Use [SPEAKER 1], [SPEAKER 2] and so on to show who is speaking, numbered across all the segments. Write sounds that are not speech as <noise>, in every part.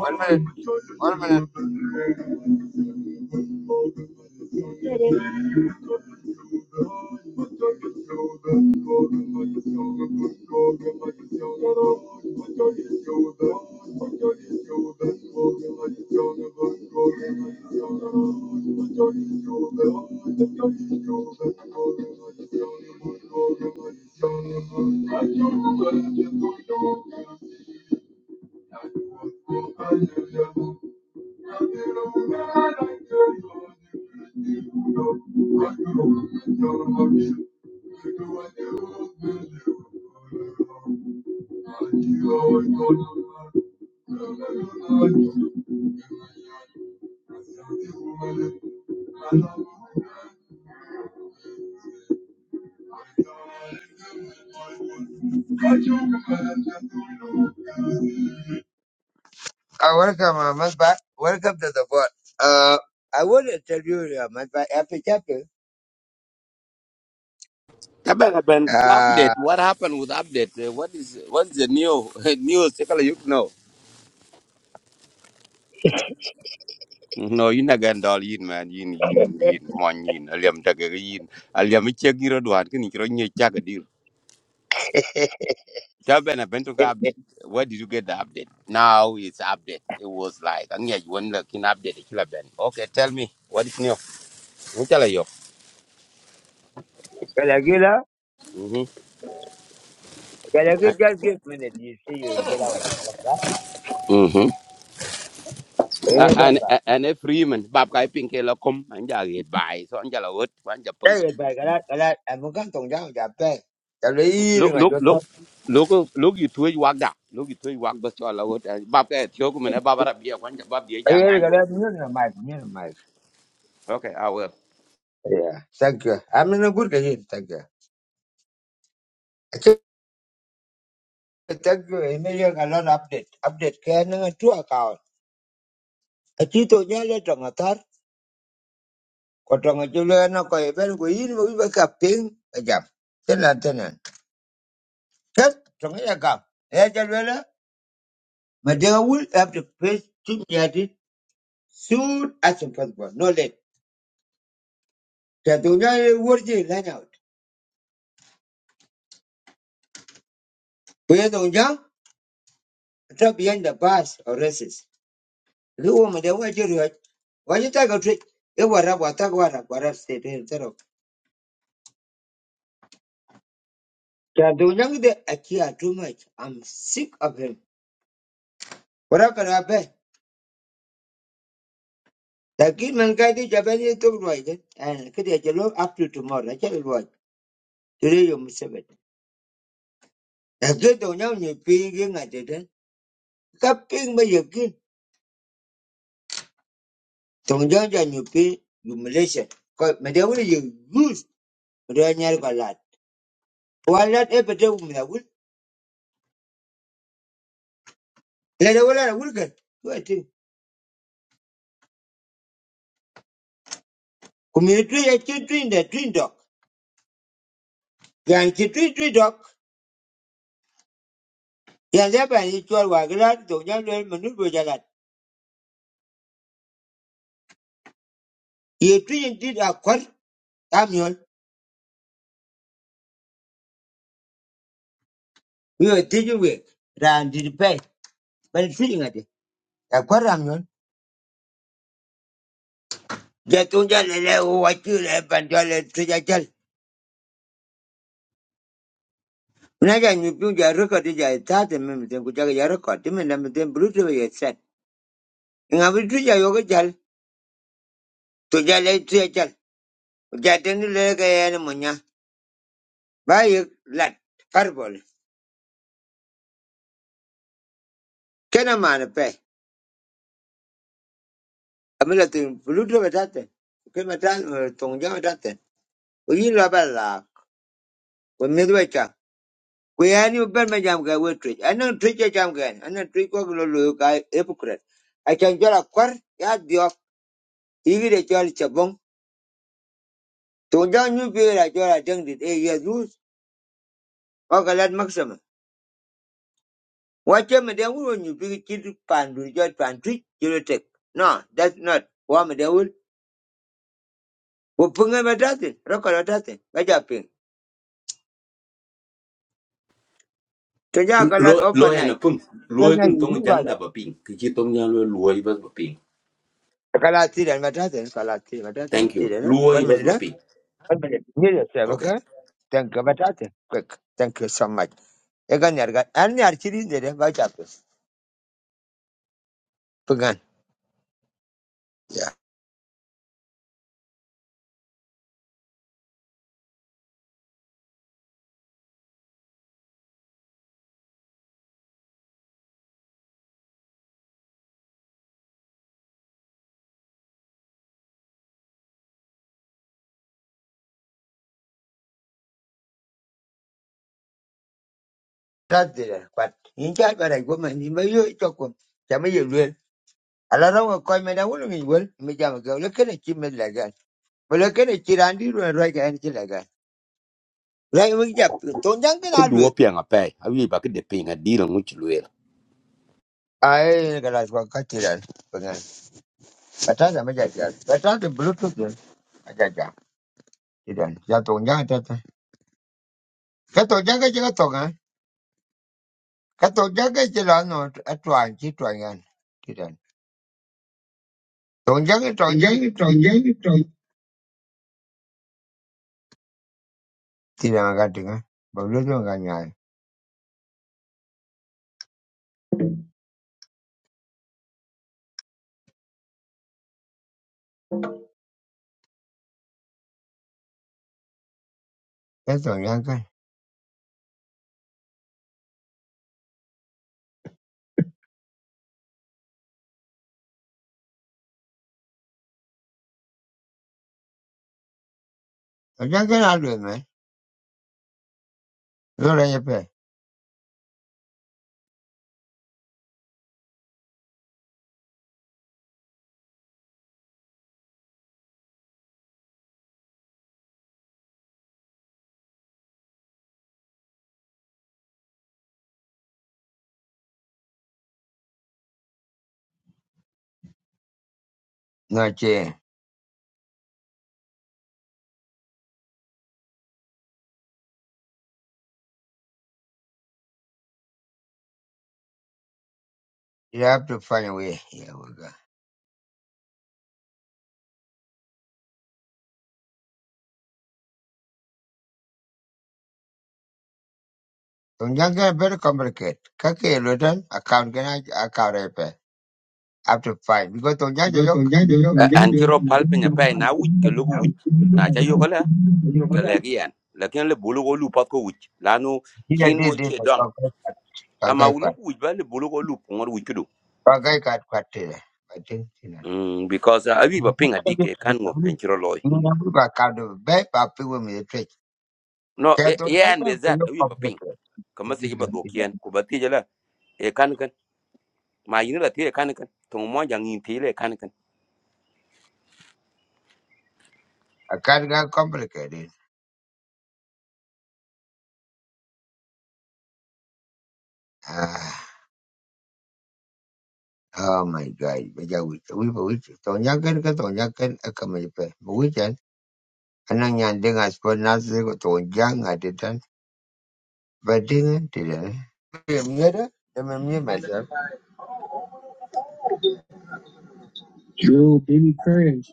[SPEAKER 1] One minute. One minute. Uh, welcome, uh, Masba. Welcome to the board. Uh, I want to tell you, uh, Masba, happy chapter.
[SPEAKER 2] Tabaka Ben,
[SPEAKER 1] Uh,
[SPEAKER 2] update. What happened with update? Uh, What is what's the new <laughs> news? Take a look now. No, you nagan dal yin man yin yin yin mon yin aliam daga yin aliam ichek giro duan kini kiro nye chaka deal. Tabaka Ben took update. Where did you get the update? Now it's update. It was like anya you want like in update the killer Ben. Okay, tell me what is new. Mutala you.
[SPEAKER 1] Galagila,
[SPEAKER 2] Mhm.
[SPEAKER 1] Galagila just give me that you see you get out of Masba.
[SPEAKER 2] Mhm.
[SPEAKER 1] You need to
[SPEAKER 2] And
[SPEAKER 1] Masba.
[SPEAKER 2] and and a free man bab kai pink la kom anja get by so anja la wot
[SPEAKER 1] Yeah, you but Galat, Galat. I'm going to come down, Japan. I'm
[SPEAKER 2] lúc
[SPEAKER 1] eating my
[SPEAKER 2] lúc lúc
[SPEAKER 1] daughter.
[SPEAKER 2] lúc lúc gì thuê quạt đã lúc gì thuê quạt đó cho là bắp cái thiếu của mình bắp bắp bia quan trọng bắp bia
[SPEAKER 1] I
[SPEAKER 2] già
[SPEAKER 1] hear
[SPEAKER 2] ngay chỗ
[SPEAKER 1] Galag, mute the mic, mute the mic.
[SPEAKER 2] ok à well
[SPEAKER 1] Yeah, thank you. I'm in a good game, thank you. Thank you, Emilio, a lot of update. Update, can I two account? A tito, yeah, let on a third. ko tonga chulo na ko ben ko yin mo ba ka ping ka jam chen la ten na chen tonga ya ka e ja le la ma de have to face to get it soon as possible no late ta tu ya wor ji la na ko ya dong jang ta behind the bus or races lu wo ma de wa ji ru wa ji ta ga tri e wa ra wa ta ga ra ga ra se de ta ta tu de a too much i'm sick of him what can i lakini Nankadi Javani took Royden and Kidachalo up to tomorrow. I tell what today you must have it. That's good on your new paying at it. Cupping by your king, Tongjang and you pay humiliation. Madame, you lose Ranyar Galat. While that epidemic woman I would let a well and Wilkin. Community a chin twin the twin dog. Yan chin twin twin dog. Yan there by the twelve wagalat, Tongjang Manubu Jalat. Ye twin did a quad, Amion. We were taking away. Randy Pay. Bani siri ngati. Yakwar ramyon. Jatunja lele uwachi le bandwa le tuja chal. Unaja nyupi uja rekodi ja itate mimiten kuchaka ya rekodi minda miten bluetooth ya set. Ngapi tuja yoga chal. Tuja le tuja chal. Uja tengi lele kaya ni munya. Bayi lat. Karbol. Kena maana that. Amila tu bluetooth ya tate. Kima tate tongja ya tate. Uyi laba la. Umidu We ani ben ma jam ga we twitch. Anan twitch ya jam gan. Anan twitch ko lo lo ga hypocrite. I can jola kwar ya dio igi de jol chabong. To ja nyu bi la jola deng dit e Jesus. O ga lad maximum. Wa che me de wo nyu bi ki du pan du jot pan twitch jolo tek. No, that's not. Wa me de wo. Wo punga me datin. Roko la datin. Ga ja ping. To ja ga
[SPEAKER 2] lo
[SPEAKER 1] lad
[SPEAKER 2] lo em
[SPEAKER 1] overnight.
[SPEAKER 2] pun phun
[SPEAKER 1] Ga
[SPEAKER 2] lo
[SPEAKER 1] na
[SPEAKER 2] cái tông
[SPEAKER 1] yu ga
[SPEAKER 2] jang đã
[SPEAKER 1] lad.
[SPEAKER 2] bắp pin cái chỉ tông giang lo lo bắp bắp pin
[SPEAKER 1] Kala tiran ma datin. Kala tiran ma datin.
[SPEAKER 2] thank you lo
[SPEAKER 1] Tiran. One
[SPEAKER 2] bắp
[SPEAKER 1] minute. eh?
[SPEAKER 2] bắp pin
[SPEAKER 1] One minute. Here you say,
[SPEAKER 2] ok
[SPEAKER 1] okay? Thank you, but I think quick. Thank you so much. You Egan yarga. And yar chiri dere ba chapu. Pagan. Yeah. That dere. But in chat but I go man. Ima yo chokum. Chama yo luel. Alara wa koi mena wulu ngi wel. Me jama go. Look at a chim med lagan. But look at a chirandi ru and right and chilagan. Lai wing jap. Ton jang bin
[SPEAKER 2] cứ đua
[SPEAKER 1] aluet.
[SPEAKER 2] pin à pay à vì bắp cái đẹp pin à đi là ngút lo
[SPEAKER 1] Ay, galas wa katiran. Pagan. But that's a major. But that's the bluetooth. Ajaja. Tidak. Ya tong jang tata. Ka tong jang ka jaga ka to jaga ci la no atwan ci twan yan ti dan to jaga to jaga to jaga to ti dan ga ti ga ba lu no ga nya ka to yan ka to jaga na lu me lu ra ye pe no che you have to find a way here we go to jaga very complicated ka ke lu dan account ga na account re pe have to find because to jaga
[SPEAKER 2] anh chỉ rồi pal pin à pay na uýt cái lúc uýt na chơi vô cái là cái lẹ cái anh lakin le bulu ko lu pat ko uýt lanu
[SPEAKER 1] ti da
[SPEAKER 2] chín
[SPEAKER 1] de
[SPEAKER 2] uýt
[SPEAKER 1] de
[SPEAKER 2] chơi
[SPEAKER 1] ka ka
[SPEAKER 2] đom
[SPEAKER 1] ka ka ka
[SPEAKER 2] ama
[SPEAKER 1] ka
[SPEAKER 2] ulu uýt ba le bulu ko lu pongo uýt
[SPEAKER 1] ka ka ka ti da I think,
[SPEAKER 2] Mm, because uh, awi ba ping adik e kan ngo en chiro loy.
[SPEAKER 1] you know.
[SPEAKER 2] No, e
[SPEAKER 1] That was
[SPEAKER 2] e an be
[SPEAKER 1] very
[SPEAKER 2] zat awi ba ping.
[SPEAKER 1] complicated.
[SPEAKER 2] Kama
[SPEAKER 1] It
[SPEAKER 2] se
[SPEAKER 1] did
[SPEAKER 2] ba
[SPEAKER 1] get it.
[SPEAKER 2] dokien ko ba ti jala e kan kan. Ma yin la ti e kan kan. Tong mo jang yin ti le kan kan.
[SPEAKER 1] I can't get complicated. Ah, oh my God. But yeah, we we we we- tonyakan ka tonyakan akamajipe. Bukan anang yang dengan sponsor ko tonjang ada dan badingan tidak. Yeah, me ada. Demi me myself. Yo, baby cringe.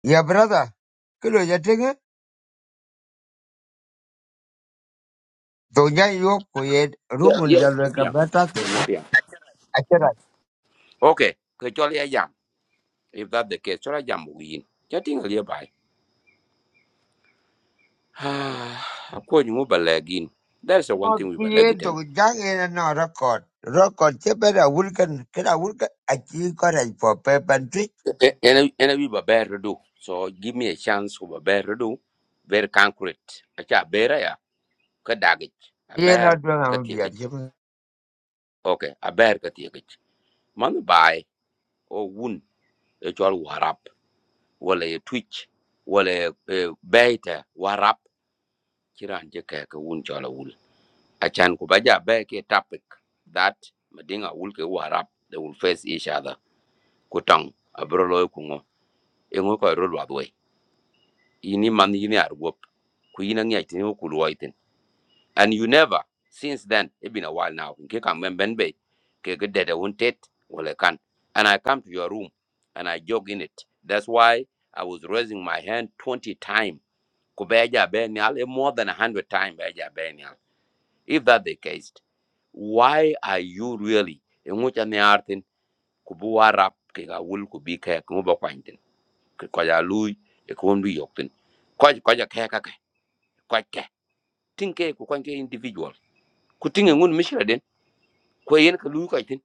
[SPEAKER 1] Ya, brother. Kalau jadi kan tonjang yo ko ye
[SPEAKER 2] Yes,
[SPEAKER 1] rumun
[SPEAKER 2] yes.
[SPEAKER 1] jalur
[SPEAKER 2] Yeah,
[SPEAKER 1] kapeta tu.
[SPEAKER 2] yeah. Okay, ke chol ya jam. If that the case, chola jam wi yin. Ja ting le bai. <sighs> Ah, ko ni mo ba lagin. That's the one
[SPEAKER 1] not
[SPEAKER 2] thing we ba
[SPEAKER 1] create
[SPEAKER 2] lagitan.
[SPEAKER 1] to jack in No record. Record cheaper a wulkan can a wulkan a chicken for paper and trick.
[SPEAKER 2] And and we ba better do. So give me a chance ko ba better do. Very concrete. Acha bera ya ka dagich. A
[SPEAKER 1] Here
[SPEAKER 2] bear
[SPEAKER 1] not doing a beer.
[SPEAKER 2] okay aber ka tie ke man bai o wun e chol warap wala e twitch wala e baita warap kiran je ke ke wun chola wul achan ku baja be ke topic that madinga wul ke warap they will face each other ku tong abro loy kungo. ngo e ngo ko ro lwa dwe ini man ini arwop ku ina ngi tin ku lwa and you never since then it's been a while now in kika mbembe kika dede wanted well i can and i come to your room and i jog in it that's why i was raising my hand 20 times Kubeja Benial, eh, more than 100 times Beja Benial. if that's the case why are you really in which an artin kubuwa rap kika wul kubi kaya kumuba kwantin kaya lui ekumbi yoktin kwa kwa kaya kaka kwa kaya tinke kwa individual kutinge ngun mishra ko yen ka lui ko tin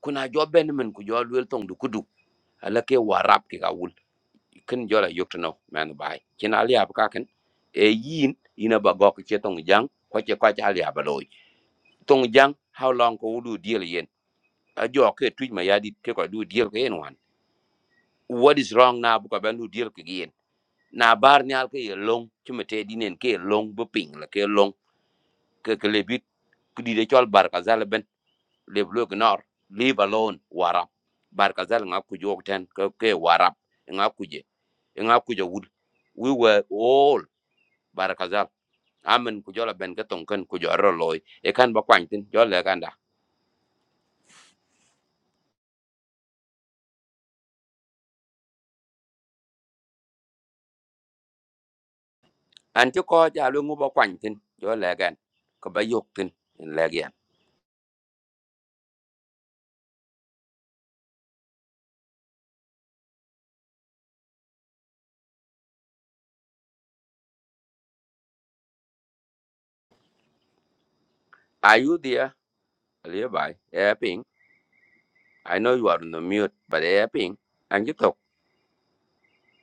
[SPEAKER 2] kuna jo ben men ku jo luel tong du kudu ala ke warap ke ka wul ken jo la yok no man bai kin ali ap ka ken e yin ina ba gok che tong jang ko che ko cha ali ap loy tong jang how long ko du deal yen a jo ke tuj ma yadi ke ko du deal ke yen wan what is wrong na bu ko ben du deal ke yen na bar nyal ke ye long chimete dinen ke long bu ping la ke long ke ke lebit kudi de chol bar ka zal leave look nor leave alone warap barkazal nga kuji ten ke ke warap nga kuje nga kuje wul we were all barkazal amen ku jola ben ke tonken ku joro loy e kan ba kwany tin jo le ganda an ti ko ja lu ngu ba kwany tin jo le gan ko ba yok tin in le gan are you there le bai e ping i know you are on the mute but e ping an ji tok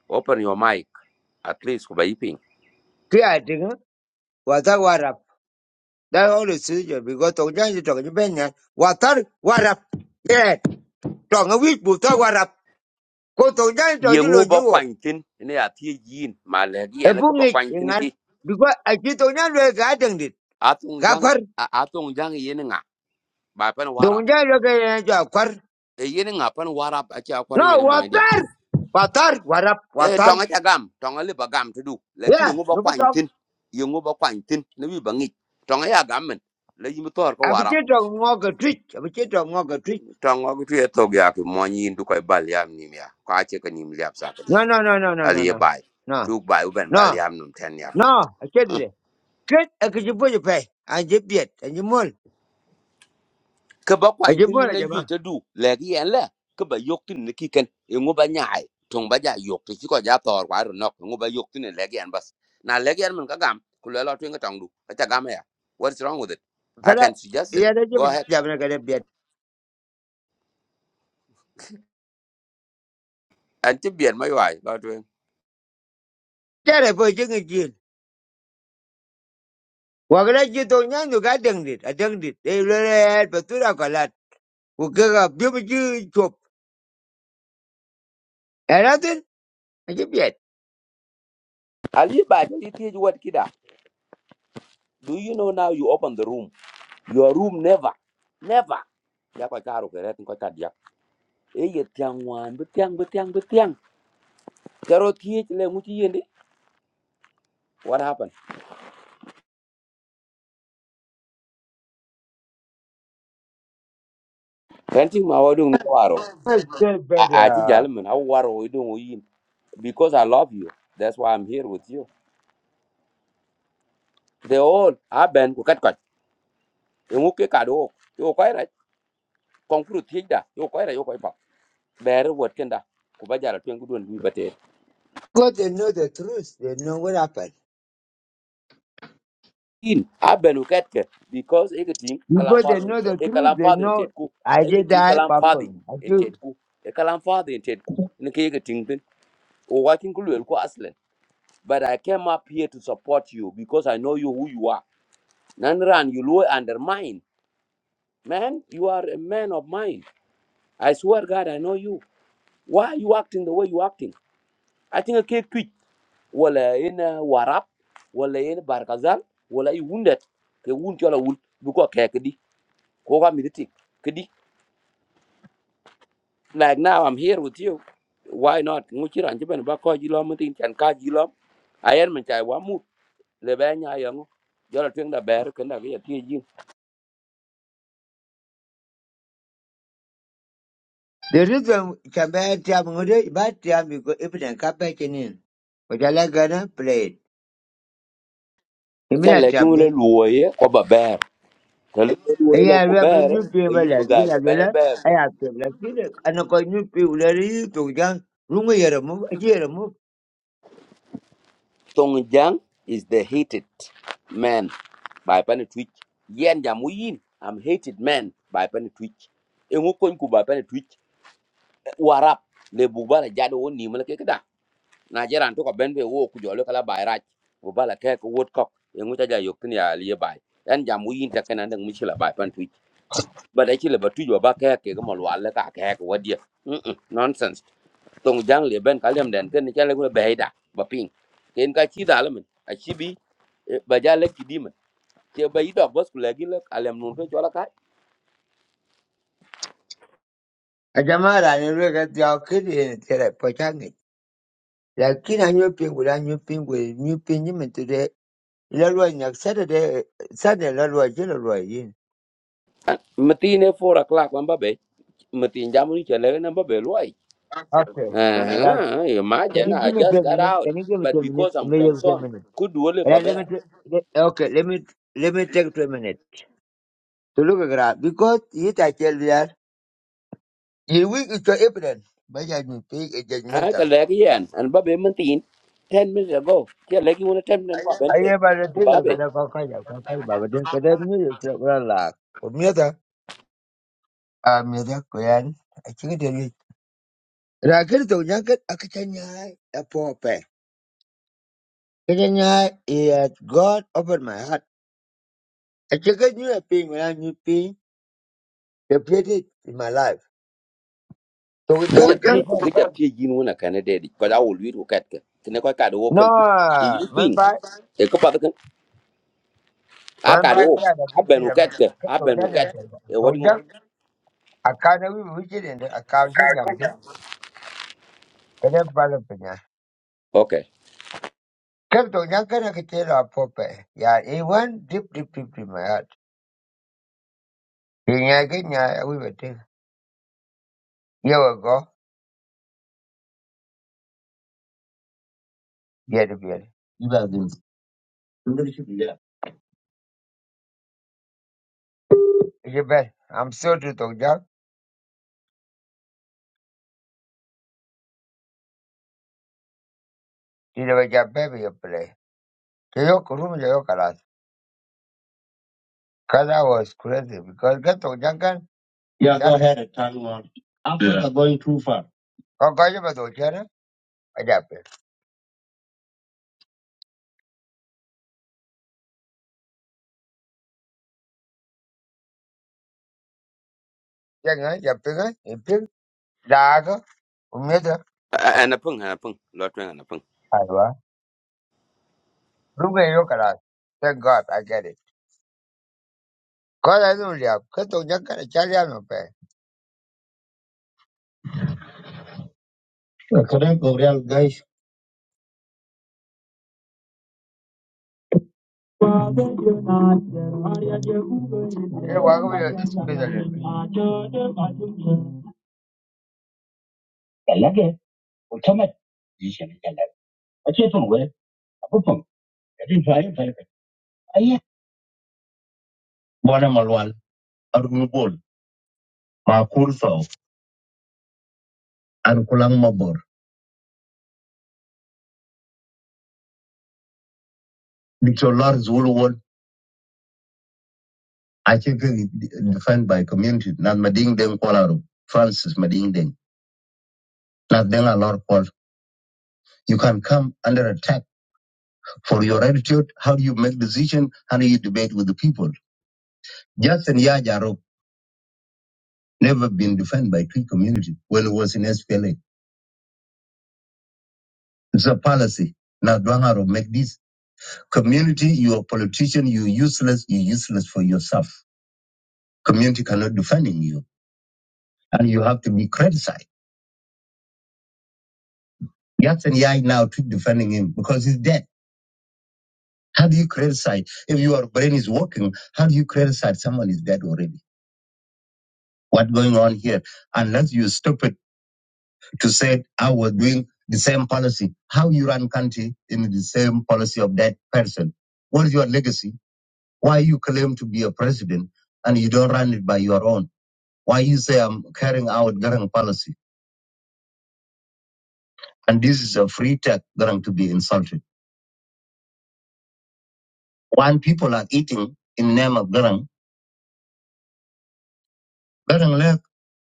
[SPEAKER 2] open your mic at least ku ba yi ping.
[SPEAKER 1] Creating water war up. That all is serious because to join the talking benya. Water war up. Yeah, tongue a week but war up. Go to join to
[SPEAKER 2] ye
[SPEAKER 1] you
[SPEAKER 2] ŋu
[SPEAKER 1] on
[SPEAKER 2] bo
[SPEAKER 1] you.
[SPEAKER 2] kwany tin ne ya ti yin ma le gi
[SPEAKER 1] A
[SPEAKER 2] ene ko
[SPEAKER 1] bung
[SPEAKER 2] bo
[SPEAKER 1] it
[SPEAKER 2] kwany
[SPEAKER 1] in
[SPEAKER 2] tin
[SPEAKER 1] an
[SPEAKER 2] ki
[SPEAKER 1] because I cheat on your garden it.
[SPEAKER 2] a jang
[SPEAKER 1] Kakwar,
[SPEAKER 2] a a jang ye nga ba pan
[SPEAKER 1] don't
[SPEAKER 2] warap
[SPEAKER 1] join your garden.
[SPEAKER 2] e ye nga pan warap a cha
[SPEAKER 1] No,
[SPEAKER 2] kwari ye mo ndia
[SPEAKER 1] water. Water war up.
[SPEAKER 2] e
[SPEAKER 1] Water.
[SPEAKER 2] tonga cha gam tonga le ba gam tu du le ki ne
[SPEAKER 1] Yeah,
[SPEAKER 2] bo
[SPEAKER 1] look
[SPEAKER 2] kwany
[SPEAKER 1] at
[SPEAKER 2] tin ye bo kwany tin ne wi ba ngi tonga ya gam men le yim tor ko warap
[SPEAKER 1] abichito ngoga twitch abichito ngoga twitch
[SPEAKER 2] tonga gu tu ye to ya ki mo yin du ko bal yam nim ya ka che ka nim liap sa ka ya
[SPEAKER 1] no no no no no no
[SPEAKER 2] ali ye
[SPEAKER 1] no
[SPEAKER 2] bai
[SPEAKER 1] no
[SPEAKER 2] du bai u ben
[SPEAKER 1] no
[SPEAKER 2] bal yam num ten ya ki
[SPEAKER 1] no achete de ket akijibu je pe anjibiet anjimol
[SPEAKER 2] ka ba kwany tini
[SPEAKER 1] ajibol
[SPEAKER 2] na yui
[SPEAKER 1] ajama
[SPEAKER 2] ta du le ki yen le ka ba yok tini na kiken e ngu ba nyai tong ba ja yok ti ko ja tor kwa ru nok ngu ba yok tini le ki yen bas na le ki yen mun ka gam ku le lo twinga tong du ka ta gam ya what's wrong with it i
[SPEAKER 1] kala
[SPEAKER 2] can suggest it
[SPEAKER 1] ya da
[SPEAKER 2] go
[SPEAKER 1] jibu
[SPEAKER 2] ahead
[SPEAKER 1] jamna kada biet
[SPEAKER 2] and ti bien ma yai lo twing
[SPEAKER 1] tare po jingi jil wagala jito nyandu ga dengdit adengdit e lele betura kalat ugaga bibu ji chop eratin anjibiet
[SPEAKER 2] ali ba ti ti ju wat kida do you know now you open the room your room never never ya kwa ta ru ke ret ko ta dia e ye tiang wan bu tiang bu tiang bu tiang karo ti le mu ti yende what happened Renting ma wadung ni waro.
[SPEAKER 1] Well, they
[SPEAKER 2] I, I think
[SPEAKER 1] better.
[SPEAKER 2] gentlemen, how war we doing we in because I love you. That's why I'm here with you. They all I been cut cut. You okay kado? You okay right? Conclude thing da. You okay right? You okay pa? Bear what can da? Kuba jara tuan kudun bi bate.
[SPEAKER 1] God, they know the truth. They know what happened.
[SPEAKER 2] In I been okay ke because everything kalam
[SPEAKER 1] Before they
[SPEAKER 2] father,
[SPEAKER 1] know the
[SPEAKER 2] e
[SPEAKER 1] truth,
[SPEAKER 2] kalam
[SPEAKER 1] they
[SPEAKER 2] father in
[SPEAKER 1] know
[SPEAKER 2] tet ku.
[SPEAKER 1] I did
[SPEAKER 2] Everything
[SPEAKER 1] die
[SPEAKER 2] kalam father
[SPEAKER 1] problem. I
[SPEAKER 2] in
[SPEAKER 1] feel
[SPEAKER 2] tet ku. E kalam father in tet ku. Nke everything then. O watching kulu elko aslen. But I came up here to support you because I know you who you are. Nanran you lo undermine Man, you are a man of mind. I swear, God, I know you. Why are you acting the way you acting? I think a kid tweet. Wala in uh, Warap, wala in Barkazal, wala you wounded. Ke wound yola wound. Buko ke kedi. Koga miditi. Kedi. Like now, I'm here with you. Why not? Muchira anjiben ba ko jilom mutin chan ka jilom. Ayer man chai wa mu. Lebe nya yango. Jola twing da ber kenda ke ya tie jin.
[SPEAKER 1] the reason can be time ngode but time because if they can back But I like gonna play it. I mean
[SPEAKER 2] Acha
[SPEAKER 1] I tap
[SPEAKER 2] legun le
[SPEAKER 1] them.
[SPEAKER 2] luoye ko ba ber. Ka le luoye le
[SPEAKER 1] Yeah,
[SPEAKER 2] ko
[SPEAKER 1] we have a
[SPEAKER 2] ber.
[SPEAKER 1] new
[SPEAKER 2] E
[SPEAKER 1] people
[SPEAKER 2] yin bu
[SPEAKER 1] like
[SPEAKER 2] ga
[SPEAKER 1] this. I
[SPEAKER 2] ga
[SPEAKER 1] will.
[SPEAKER 2] bene
[SPEAKER 1] I
[SPEAKER 2] ber.
[SPEAKER 1] have to like this. And I got new people that you to jump. Rungo yere mu, aji yere mu.
[SPEAKER 2] Tongjang is the hated man by Panetwich. Yen Jamuyin, I'm hated man by Panetwich. Engokon ku by Panetwich, Warap, Le Bubala Jado Nimala Kekada. Najaran took a benbe walk with your local by Raj, Bubala Kek, Woodcock, Engutaja Yokinia Liabai. And Jamuyin taken and Michela by Panetwich. But I chill about two your back hair, Kegamalwala Kak, what dear. Nonsense. Tongjang Le Ben Kalam then, then the Jalago Beheda, Baping. Ken Kachi Dalaman, ba ja lek kidimen ke ba idok bas ku legi lek alem nun ko chola kai
[SPEAKER 1] Ajamara ni rega tiaw kiri ni tere pochangi. Lakini anyo pingu la anyo pingu, anyo pingu ni mtu de. Ilalwa ni Saturday, Saturday ilalwa jela
[SPEAKER 2] matine 4 o'clock wamba be matin jamu ni chele na ba be loy
[SPEAKER 1] Okay. So that
[SPEAKER 2] eh
[SPEAKER 1] can
[SPEAKER 2] imagine
[SPEAKER 1] you
[SPEAKER 2] i
[SPEAKER 1] give me
[SPEAKER 2] just
[SPEAKER 1] ten
[SPEAKER 2] got
[SPEAKER 1] minutes?
[SPEAKER 2] out
[SPEAKER 1] Can you give me
[SPEAKER 2] but
[SPEAKER 1] ten minutes?
[SPEAKER 2] because i'm
[SPEAKER 1] Maybe you ten
[SPEAKER 2] concerned
[SPEAKER 1] minutes.
[SPEAKER 2] could wole
[SPEAKER 1] Yeah,
[SPEAKER 2] ba
[SPEAKER 1] let
[SPEAKER 2] be
[SPEAKER 1] me. t- Let, okay. Let me. Let me take ten minutes to look at that because it I tell you that the week is so evident. But I do pay a
[SPEAKER 2] ha ka
[SPEAKER 1] judgmental.
[SPEAKER 2] legi yan an ba be matin 10 minutes ago ke legi wona 10 minutes ba
[SPEAKER 1] I
[SPEAKER 2] be
[SPEAKER 1] ever the
[SPEAKER 2] ku ba
[SPEAKER 1] trigger
[SPEAKER 2] be
[SPEAKER 1] kada kwa kaya kwa kaya baba den kada mi yusra kula la. Umiata. Ah, miata kuyan. I am think it is. Rakiri to nyankat akichanya ya pope. Kichanya is God opened my heart. I think I knew a pain when I knew pain. They played it in my life. So we jump.
[SPEAKER 2] ke
[SPEAKER 1] it's
[SPEAKER 2] ja
[SPEAKER 1] a problem.
[SPEAKER 2] ti ke ja ti jin wona kanade di ko da wol wi ko kat ke ne ko ka do
[SPEAKER 1] no,
[SPEAKER 2] woken ingli
[SPEAKER 1] man,
[SPEAKER 2] ping
[SPEAKER 1] by
[SPEAKER 2] e ko pa kan a
[SPEAKER 1] man,
[SPEAKER 2] ka
[SPEAKER 1] by
[SPEAKER 2] do
[SPEAKER 1] God, I
[SPEAKER 2] a
[SPEAKER 1] think they
[SPEAKER 2] ben wo
[SPEAKER 1] have a
[SPEAKER 2] kat ke a
[SPEAKER 1] couple of
[SPEAKER 2] ben wo
[SPEAKER 1] guys out
[SPEAKER 2] kat e
[SPEAKER 1] So
[SPEAKER 2] wadi
[SPEAKER 1] with
[SPEAKER 2] ngo
[SPEAKER 1] them, I can't even reach it in the account of them. But I'm proud of them.
[SPEAKER 2] Okay.
[SPEAKER 1] Kato nyanga na kitendo apope. Yeah, it went deep, deep, deep in my heart. Kinyage nya we were thing. Here we go. Yeah, the beer. Yeah. It's a bad. I'm so to talk down. Did a job baby you play. Kayoko room Cause I was crazy because Kato nyanga. Yeah, go ahead, Tanwa. are going too far. Con coi với bà tổ chức đó, bà dạp kìa. Chân á, dạp tiếng á, dạp tiếng, ra cơ, cũng nhớ thôi. Ủa, phần,
[SPEAKER 2] And a pung, and a pung, lot and a pung.
[SPEAKER 1] hay quá. Đúng ngay lúc là, thank God I get it. Có lẽ tôi liệp, cái tôi nhắc cái này chả liệp mà phải. Uh, Kadang Gorial guys. Thế quá có bây giờ, bây giờ liệp. Talaga, utamat. Hindi talaga. At siya itong wala. Ako pong, natin tayo, tayo, tayo. Ay, Bwana Malwal, Arunugol, Makurso, Ankulang Mabor, I think defined by community, not Mading Deng Kuala Francis Mading Deng, not Deng Alor Kuala. You can come under attack for your attitude, how do you make decision, how do you debate with the people. Justin Yajaro never been defined by Cree community when it was in SPLA. It's a policy. Now Dwangaro make this. Community, you are politician, you useless, you useless for yourself. Community cannot defend you. And you have to be criticized. Yes, and Yai now keep defending him because he's dead. How do you criticize if your brain is working? How do you criticize someone is dead already? What going on here? Unless you're stupid to say I was doing the same policy. How you run country in the same policy of that person? What is your legacy? Why you claim to be a president and you don't run it by your own? Why you say I'm carrying out Garang policy? And this is a free tech Garang to be insulted. When people are eating in name of Garang, Garang left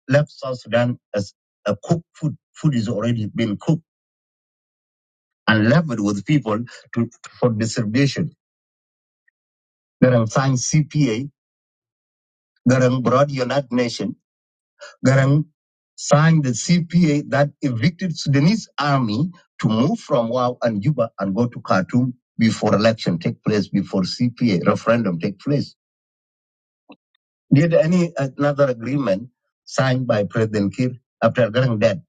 [SPEAKER 1] left South Sudan as a cooked food. Food is already been cooked and leveled with people to, for distribution. Garang signed CPA. Garang brought United Nations. Garang signed the CPA that evicted Sudanese army to move from Wau and Juba and go to Khartoum before election take place, before CPA referendum take place. Did any another agreement signed by President Kir after Garang dead?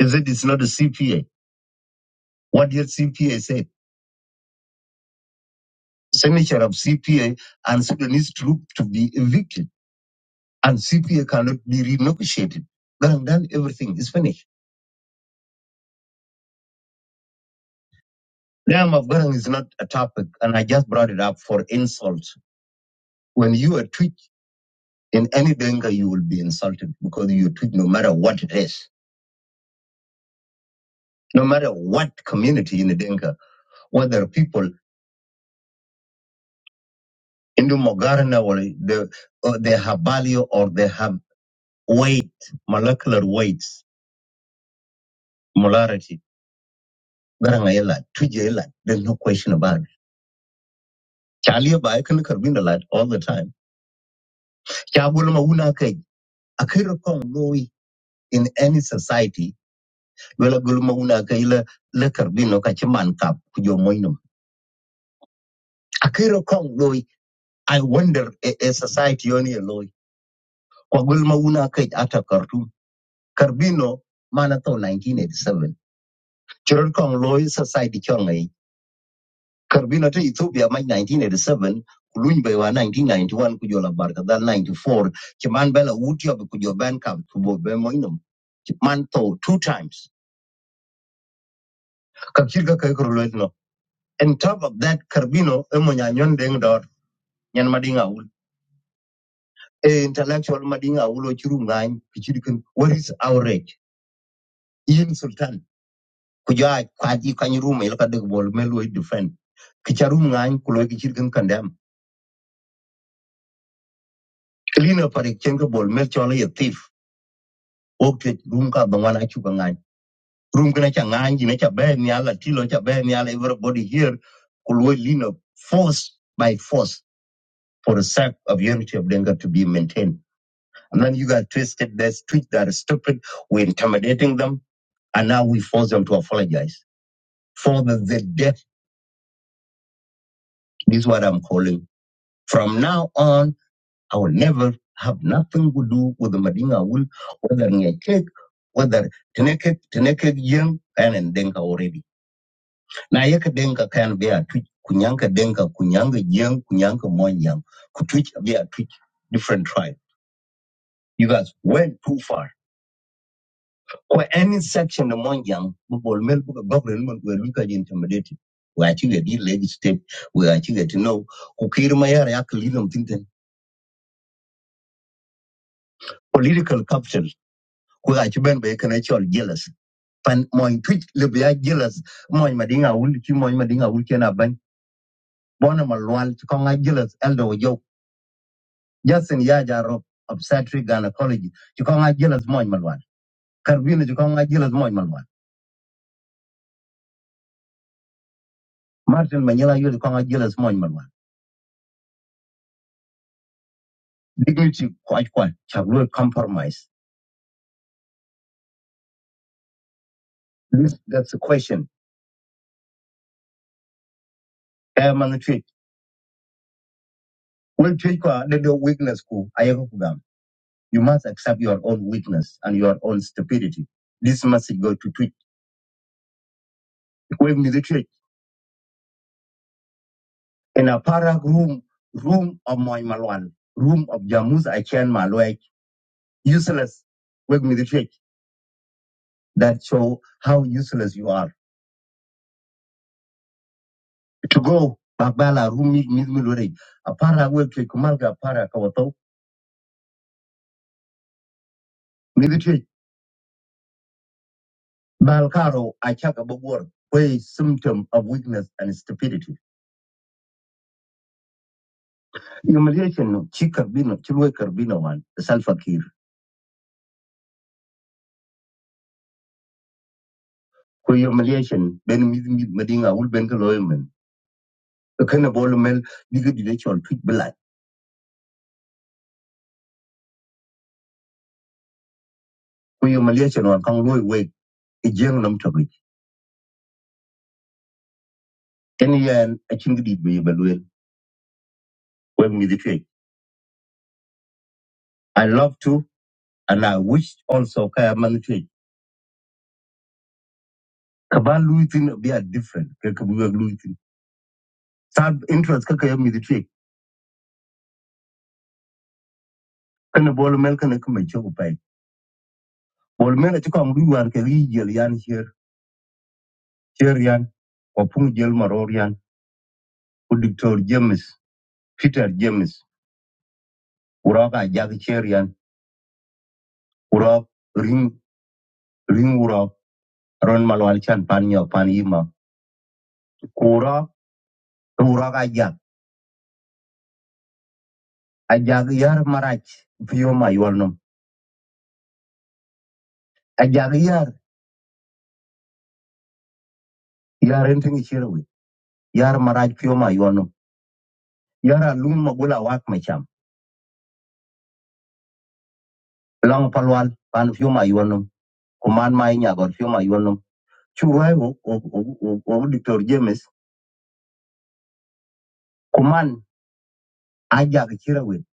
[SPEAKER 1] Is it is not a CPA? What did CPA say? signature of CPA and Sudanese troop to be evicted, and CPA cannot be renegotiated. Garang, then everything is finished. Dam of Garang is not a topic, and I just brought it up for insult. When you are tweet in any Denga, you will be insulted because you tweet no matter what it is, no matter what community in the Denga, whether people in the Mogarana or the, or they have value or they have weight, molecular weights, molarity. Garang ayela, tweet ayela, there's no question about it. Charlie ba I can win a all the time. Chabulma una kai a kirkon lowi in any society wala gulma una kai la la karbino ka ci man kap kujo moinum. A kirkon lowi I wonder a, a society yoni a lowi. Kwa gulma una kai ata kartum. Karbino mana to 1987. Kong lowi society chongai Karbila ta Ethiopia mai 1987 kulun bai wa 1991 kujola barka dal 94 kiman bela wuti ob kujo ban kam kubo be moinum man to two times ka kirga kai kurlo no and top of that Karbino emo nya nyon deng dor nyan madinga ul e intellectual madinga ulo chiru ngany kichidikin what is our rage yin sultan kujo kwadi kwaji kanyiru mai laka dek bol melo defend kicharum ngany kulo kichidikin condemn clean up parik chenga bol mel chola yatif okay room ka ba wana chu ngan room kana cha ngan ji na cha be ni ala tilo cha be ni ala everybody here could we lean up force by force for the sake of unity of Denga to be maintained. And then you guys twisted this tweet that is stupid. We're intimidating them. And now we force them to apologize for the, the death. This is what I'm calling. From now on, I will never have nothing to do with the Madinga will, whether Nye cake, whether Teneke, Teneke Young, and Denga already. na yeka denka kan be a twitch kunyanka denka kunyanka jeng kunyanka monyang kutwitch be a twitch different tribe you guys went too far or any section among young people mel book government were look at intimidated we actually get the legislative we actually to know who kiri mayar yak lidom tinten political capital who actually ben be can actually jealous pan moin twitch le be jealous moin madinga ul ki moin madinga ul kena ban bona malwal ko nga jealous eldo yo Justin Yaja Rob Obstetric Gynecology. Chikonga Jealous Moy Malwan. Carbino Chikonga Jealous Moy Malwan. Martin Manyela Yul Konga Jealous Moy Malwan. Dignity quite. Kwaj Chaglu Compromise. This, that's the question. Airman treat. Well treat kwa the weakness ku ayeko kugam. You must accept your own weakness and your own stupidity. This message go to tweet. We need to in a parag room, room of Moy Malwan, room of Jamuz Achen Malwai, useless. Wake me the tweet. that show how useless you are. To go bakbala rumi mizmilore apara weke kumalga para kawato midiche balkaro achaka bobor way symptom of weakness and stupidity. Humiliation chikar bino chilwe karbino wan salfakir. Ko humiliation ben mid mid madinga ul ben kaloymen. Kana bolumel digidide chol twit belai. Ko humiliation wan kang loy wake ejeng nam tobi. Any yan achingdi be balwel. Wem midiche. I love to And I wish also kaya manage. Kaban Luitin be a different. Kakabuga Luitin. Sab interest kakaya me the trick. Kana ball milk and a kumacho pay. Ball milk at Kong Luan Kari Jelian here, Cherian, or Pung Jel Marorian, or Doctor James, Peter James, Uraka Jag Cherian, Urak Ring Ring Urak, Ron Malwalchan Panya Panima, Kura, Urak Ajak, Ajak Yar Marach, Pioma Yuanum, Ajak Yar, Yar anything Chirwe. yar maraj fiyo ma yuanum yara lum magula wak macham Lang palwal pan fiyo ma yuanum kuman ma inyagor fiyo ma yuanum churai wo wo wo wo diktor james kuman ajag chirawin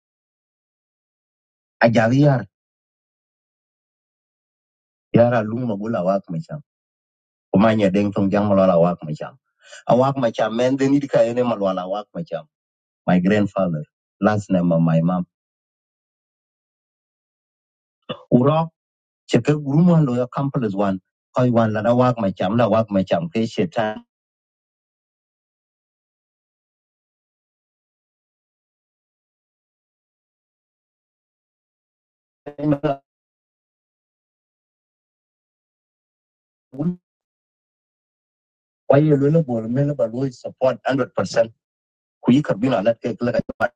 [SPEAKER 1] ajag yar yara lum magula wak macham Kumanya deng tong jang malwala wak macham awak macham men deni dika ene malwala wak macham my grandfather last name of my mom urok cheke guruman lo ya kampalas wan koi wan lada wak macham la wak macham ke shetan kwa hiyo lwelo bor mene ba support 100% ku yi kabila na te kala ba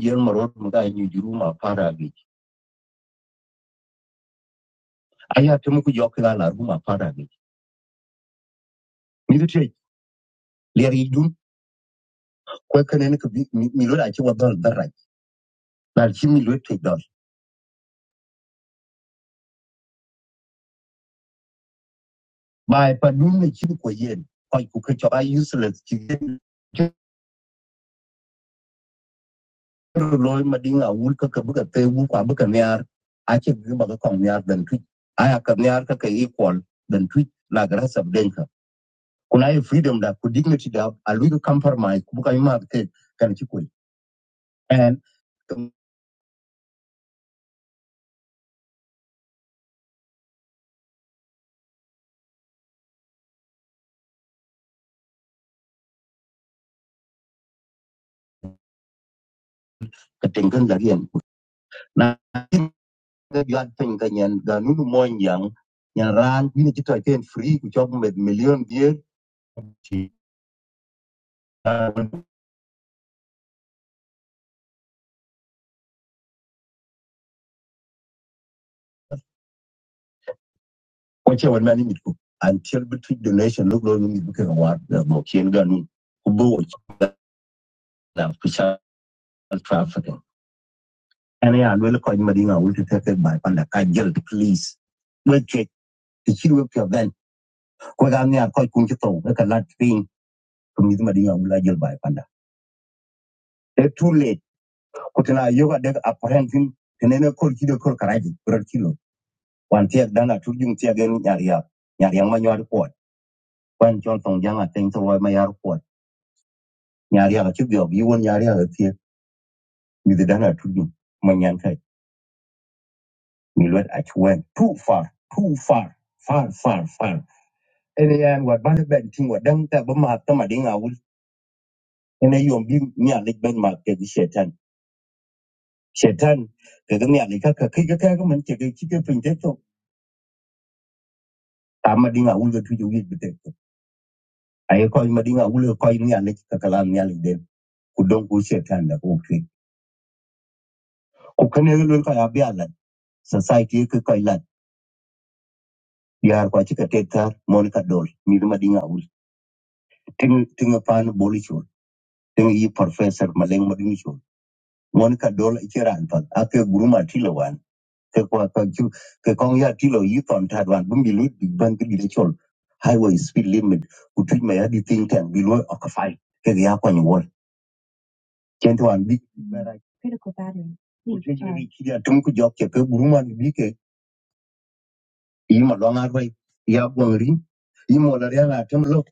[SPEAKER 1] yer maro mu ga nyu juru ma fara bi aya te mu ku yo kala la ru do te le ri dun ko kane ne ka bi mi lo da ci wa dal dal rai na ci mi lo te dal ba pa dun ne ci ko yen ko ku ka useless ci lo ma dinga wul ka ka buga te wu kwa buga ne ar a ce bi ba ka kon ne ar equal dan tu la ga sab den kunaye freedom da ku dignity da a compromise ku yima ke kan ci and ka tengan da yan na ga yad pen ga yan da nunu mon yang yan ran ni ci to free ku job med million die ci ko ce wal mani mit ku until between donation look lo ni buka wa da mo ken ga nun ku bo wa ci da ku sha trafficking ana ya lo ko ni madinga wulta ta kai panda ka jil please wait wait ci wo ka ko ga ne ko kun ki to ka lat pin to mi ma dinga wula jol bai panda e too late ko tana yoga de apprehending tenene kor kido kor karaji kor kilo wan tiak dana turjung tiak gen nyar ya nyar yang ma nyar ko wan jon tong janga ten to ma yar ko nyar ya ki bio bi won nyar turjung ma nyan kai too far too far far far far ene yan wat ban ben ting wa dang ta ba ma ta ma dinga wul ene yom bi nyar le shetan ke ga miya ka ka kai man ke ga ki ke to ta dinga ul ga wi bete to ai ko ma dinga ul ko ni ya ka kala ni ya den ku don ku shetan da ku ke ku kan ne ka ya ala society ke ka ila yar kwa ci ka mon ka dol ni ma dinga ul tin tin pan bolichol tin yi professor maleng ma dinga mon ka dol ci pa ake guruma tilawan ke kwa ka chu ke kong ya tilo yi ton ta wan bu mi lu bi ban ki di chol highway speed limit ku tu ma ya di tin tan bi lo ka fai ke ya ko ni wor chen to an bi ra ki ki ya tum ku jok ke ke bu man bi ke yi ma lo ngar bai ya gong ri yi mo la ya na tum lo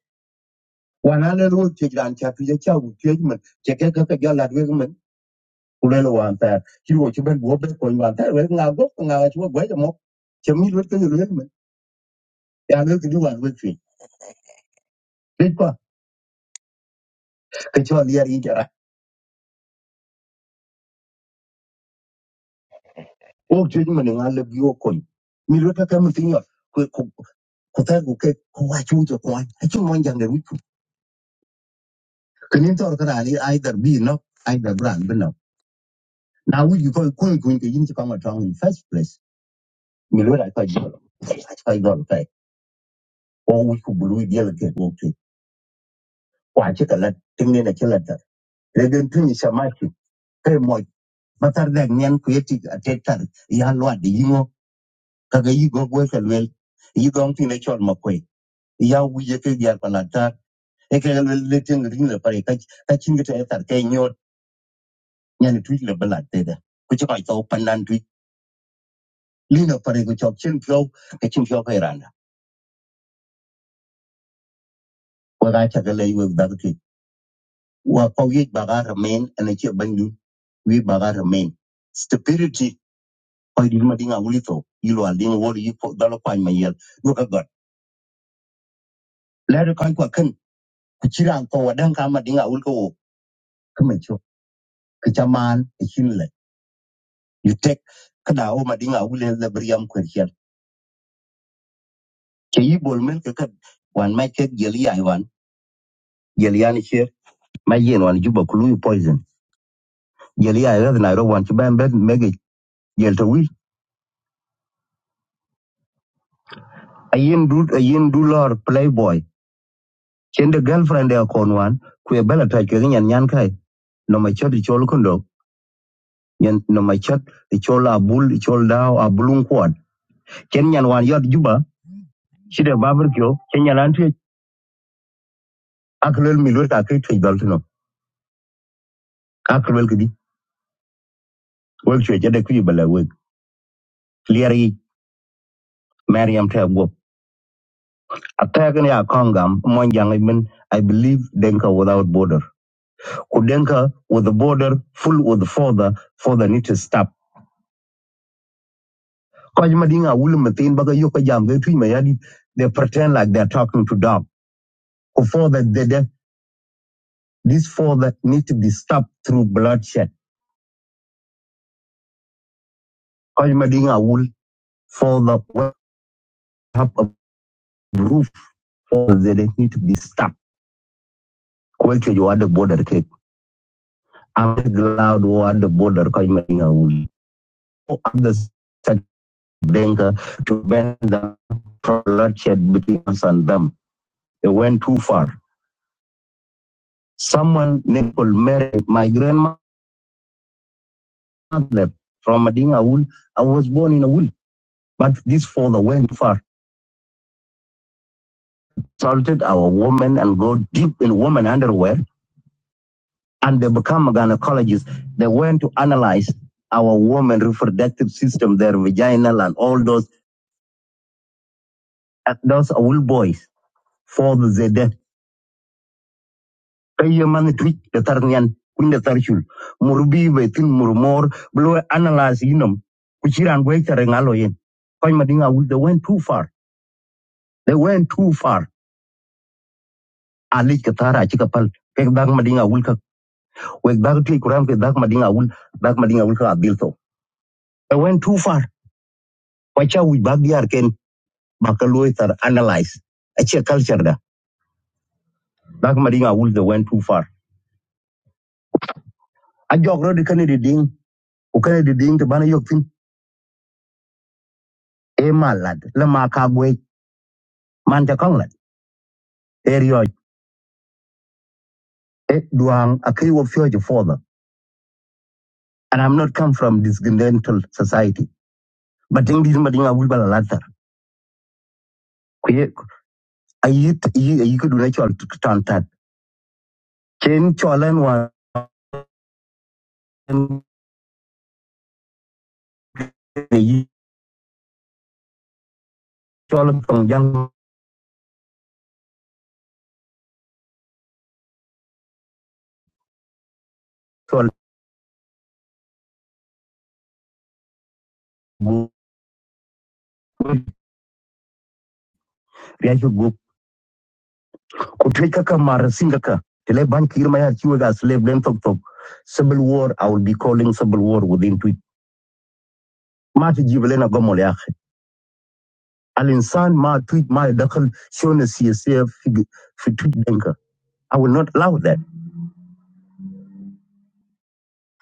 [SPEAKER 1] wa na le lu ti dan cha pi ya cha u ti man che ke ka ka ya la we man ku le lo wan ta ki wo chi ben bo be ko wan ta we nga go nga wa chu go ja mo che mi lu ke lu man ya le ki di wan we ti Bitcoin, ke cho liar wo jwe mene nga le bio kon mi lo ka kam tin ko ku ta ku ke ku wa chu jo kwa a chu mon jang de wi ku ken to ka ali ai dar bi no ai dar bran bi no na wi ko ku ko ke yin ti ka ma tong in first place mi lo ra ka jo a ka jo ka o wi ko bu lu ye le ke wo ke kwa che ka la tin ne na che la ta le den tin sa ma ki ke mo ma tar da nyen ku ye ti a te tar ya lo de yingo ka ga go ka le yi go chol ma ya wi ye ke ya pa e ke le le tieng ring le pare ka ka chin ke ta ke nyot nyan tu le balat te da ku cha kai to pandan tu li na pare ku chok chin pyo ke chin pyo ke ran wa ga cha ke le yu da ke wa ko ye ba ga remain and che ban yu we ba ga remain stability ko di ma dinga wuli to yi lo al dinga wori yi ko da lo kwa ma yel lu ka god le ri kan ko kan ku chi ran ko wa dan ka ma dinga wul ko ka ma cho ke cha man ke chin le you take kada o ma dinga wuli le briam ko ke yi bol men ke kat wan ma ke jeli ai wan jeli an che ma yen wan juba ku lui poison jeli ai rad na ro wan ti ban bet mege jel to wi a yen du a yen du lor playboy chen de girlfriend ya kon wan ku e bela ta ke nyan nyan kai no ma chod chol kondo nyan no ma chod chol a bul chol dao a bulun kwad chen nyan wan yot juba shi de babur kyo chen nyan an ti aklel mi lo ta ke ti dal tino aklel kidi wek chwe chede ku bala wek Clearly, yi mariam ta Attack ya Kongam, Mwanjang, I mean, I believe Denka without border. Kudenka with the border full with further, further need to stop. Kwajima dinga wulu mathin baga yoka jam they tui mayadi, they pretend like they're talking to dog. further, they, they, this further need to be stopped through bloodshed. Kwajima dinga wul further what have a roof further they need to be stopped. Kwelche you are the border cake. I'm glad you at the border Kwajima dinga wul. Oh, others. Denga to ban them from bloodshed between us and them. It went too far. Someone named Paul my grandmother from Madinga Awul, I was born in Awul, but this father went too far. assaulted our women and go deep in women underwear, and they become gynecologists. They went to analyze our women reproductive system, their vaginal and all those, those Awul boys for the Zede. kayo man twitch the tarnian kun the tarchul murbi betin murmor blow analyze yinom kuchiran gwe tare ngalo yen koy madinga wul they went too far they went too far ali ka tara ci ka pal pek dag madinga wul ka wek dag ti kuram ke dag madinga wul dag madinga wul ka abil to they went too far wacha wi bag yar ken bakaloy tar analyze a ce culture da dag madinga wul they went too far a jog rodi kanedi ding o kanedi ding to bana yok tin e malad la ma ka gwe man ta area eh, duang a future father. And I'm not come from discontental society. But in this matter, I will be a latter. I eat, you could do natural to turn that. Chen Cholan one, the Cholan from young Chol go Riachu go. Kuteka Kamar Singaka. Tele Bank Irmaya Chiwaga slave then talk talk. Civil war, I will be calling civil war within tweet. Mati Jivelena Gomoliache. Al insan ma tweet ma dakhal shona CSF fi tweet denka. I will not allow that.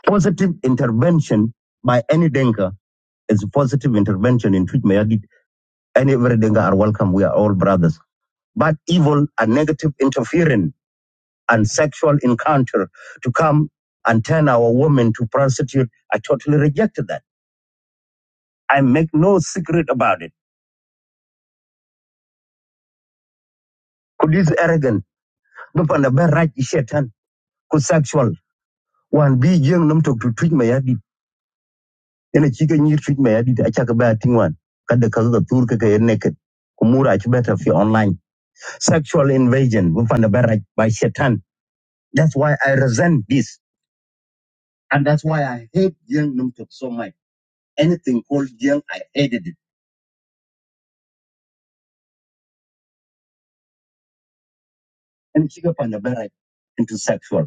[SPEAKER 1] Positive intervention by any Denka is a positive intervention in Twitch Mayadit, and every Denka are welcome. We are all brothers. But evil and negative interference and sexual encounter to come and turn our women to prostitute, I totally reject that. I make no secret about it. Could this arrogant, no on a bad right, is could sexual, one be young, num to Twitch Mayadit. ene chike nyir chuch me adita achaka ba tingwan kada kazo da tur kaka yen naked kumura chu better fi online sexual invasion we find a better by shaitan that's why i resent this and that's why i hate young numtok so much anything called young i hated it and chika find a better into sexual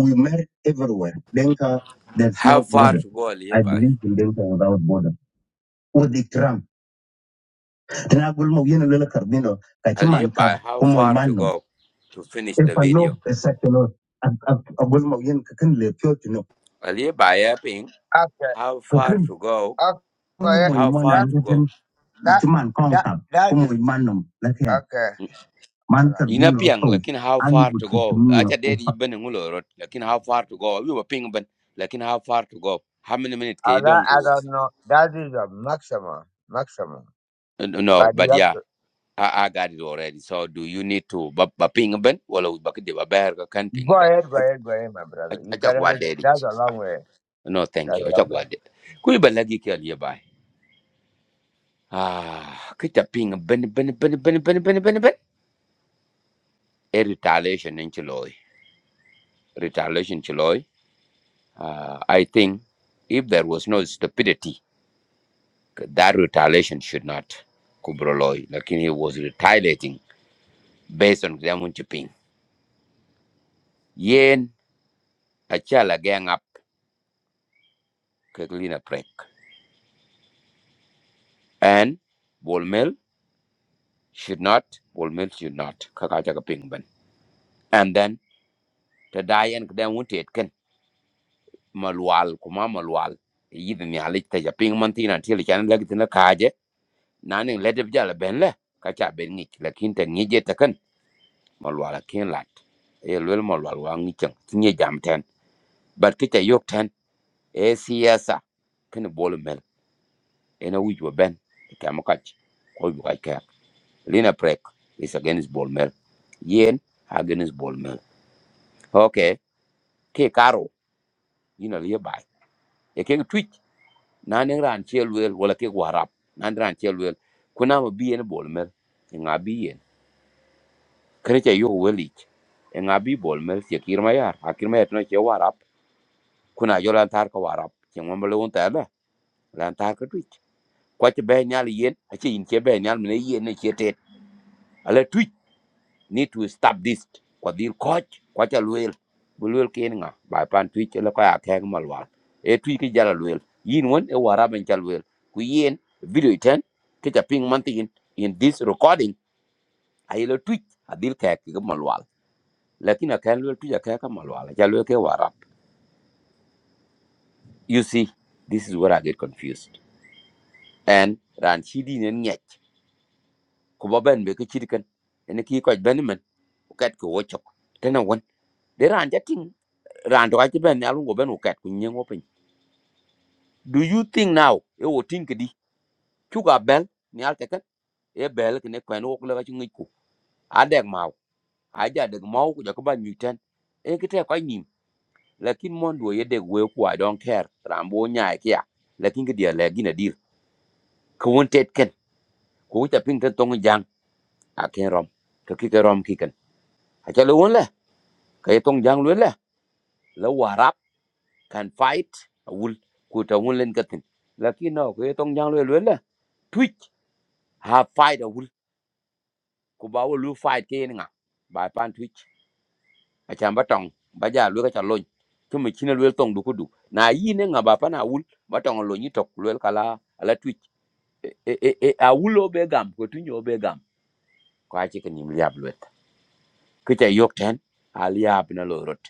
[SPEAKER 1] we married everywhere denka there's no
[SPEAKER 2] How far
[SPEAKER 1] border
[SPEAKER 2] to go,
[SPEAKER 1] i
[SPEAKER 2] Alibi?
[SPEAKER 1] believe in denka without border with the trump tinagulmo yen lela karbino kachiman kab
[SPEAKER 2] Alibi, how
[SPEAKER 1] kumo
[SPEAKER 2] far to
[SPEAKER 1] imanum.
[SPEAKER 2] go to finish
[SPEAKER 1] e
[SPEAKER 2] the video?
[SPEAKER 1] pano e sekelo a gol ma yen ka kan le pyo tino
[SPEAKER 2] Alibi, ping,
[SPEAKER 1] After,
[SPEAKER 2] how
[SPEAKER 1] ko
[SPEAKER 2] far
[SPEAKER 1] kan
[SPEAKER 2] to go?
[SPEAKER 1] after mo
[SPEAKER 2] How far
[SPEAKER 1] that,
[SPEAKER 2] to
[SPEAKER 1] ngeten
[SPEAKER 2] go?
[SPEAKER 1] that, timan that, ta that ko is iman nom la okay. All man right. tar
[SPEAKER 2] Ina
[SPEAKER 1] bino
[SPEAKER 2] piang,
[SPEAKER 1] to
[SPEAKER 2] lakin how
[SPEAKER 1] ani
[SPEAKER 2] far
[SPEAKER 1] bu
[SPEAKER 2] to go?
[SPEAKER 1] timiya
[SPEAKER 2] Acha
[SPEAKER 1] o
[SPEAKER 2] dad
[SPEAKER 1] pa
[SPEAKER 2] ibn ngulo rot, lakin how far to go? You were ping ben, lakin how far to go? How many minutes can you
[SPEAKER 1] right.
[SPEAKER 2] don't
[SPEAKER 1] I
[SPEAKER 2] go?
[SPEAKER 1] don't know. That is a maximum, maximum.
[SPEAKER 2] Uh, No, no,
[SPEAKER 1] But you
[SPEAKER 2] but
[SPEAKER 1] have
[SPEAKER 2] yeah,
[SPEAKER 1] to
[SPEAKER 2] I, I got it already. So do you need to ba ba ping ben? Wala ubaki de ba bear ka kan
[SPEAKER 1] go
[SPEAKER 2] ping ben.
[SPEAKER 1] ahead, go ahead, go ahead, my brother. You
[SPEAKER 2] Acha
[SPEAKER 1] cannot.
[SPEAKER 2] gwa
[SPEAKER 1] listen.
[SPEAKER 2] daddy.
[SPEAKER 1] That's a long way.
[SPEAKER 2] No, thank
[SPEAKER 1] That's
[SPEAKER 2] you.
[SPEAKER 1] a long
[SPEAKER 2] Acha
[SPEAKER 1] way.
[SPEAKER 2] gwade. Kui balagi ke aliye bai. Ah, kita ping ben ben ben ben ben ben ben ben. A retaliation in Chiloy. Retaliation Chiloy. Uh, I think if there was no stupidity, that retaliation should not kubroloy. Lakin he was retaliating based on them ping. Yen achala gang up keglina prank, And Bolmel should not, Bolmel should not. Kakacha ping ben. And then to die and them won't it. malwal kuma malwal yidi ni alik ta ja ping man tina tili chan lek tina kaje nani lede jala ben le ka cha ben ngi lakin te ni je ta kan malwal ken lat e lwel malwal wa ngi chang ni jam ten bat ki ta yok ten e siyasa kin bol mel ena wi wa ben ka mo kach ko wi ka ka lina prek is against bol mel yen against bol mel okay ke karo yina liye bai e ken na ne ran che luel wala ke warap na ne ran che luel kuna ma bi en bol mel e nga bi yen che yo weli e nga bi bol mel che kir yar a et no che warap kuna yo lan tar ka warap che mo mel un ta la lan tar ka twich kwa che be nyal yen a che in che be nyal ne yen ne che tet ale twich need to stop this kwa dhil koch kwa cha luel bu luel nga bai pan tui chela kwa ya keng malwal e tui ki jala luel yin wan e waraben cha luel ku yin video iten ke cha ping man tin in this recording a yelo tui a dhil ki malwal lakin a keng luel tui a kek malwal cha luel ke warab you see this is where i get confused and ran chidi nen nyech ku baben be ke chidikan ene ki koch benemen ukat ko wochok tena wan deran jating rando ka ben ni alungo ben ukat ku nyengo pin do you think now e wo tin kidi chuga bel ni al teken e bel ke ne kwen wo kula chu ngiku adeg mau aja deg mau ku jakoba nyuten e kite ko nim lakin mon do ye deg we ku i don't care rambo nya kia lakin kidi le gina dir ku won tet ken ku won ta pin ten tong jang a ken rom to ki ke rom ki ken a cha lo won le ke tong jang lo le la warap can fight a wul ku ta won len katin lakin no ke tong jang lo le ha fight a wul ku ba wo lu fight ke ni nga ba pan twitch a chan ba tong ba ja lu ka cha lon chu mi chin lu tong du ku du na yi ne nga ba pan a wul ba tong lo ni tok lu kala ala twitch e e e e, a wul o be gam ko tu nyo be gam ko a chi ka ni mi yab lu ku cha yok ten a li yab na lo rot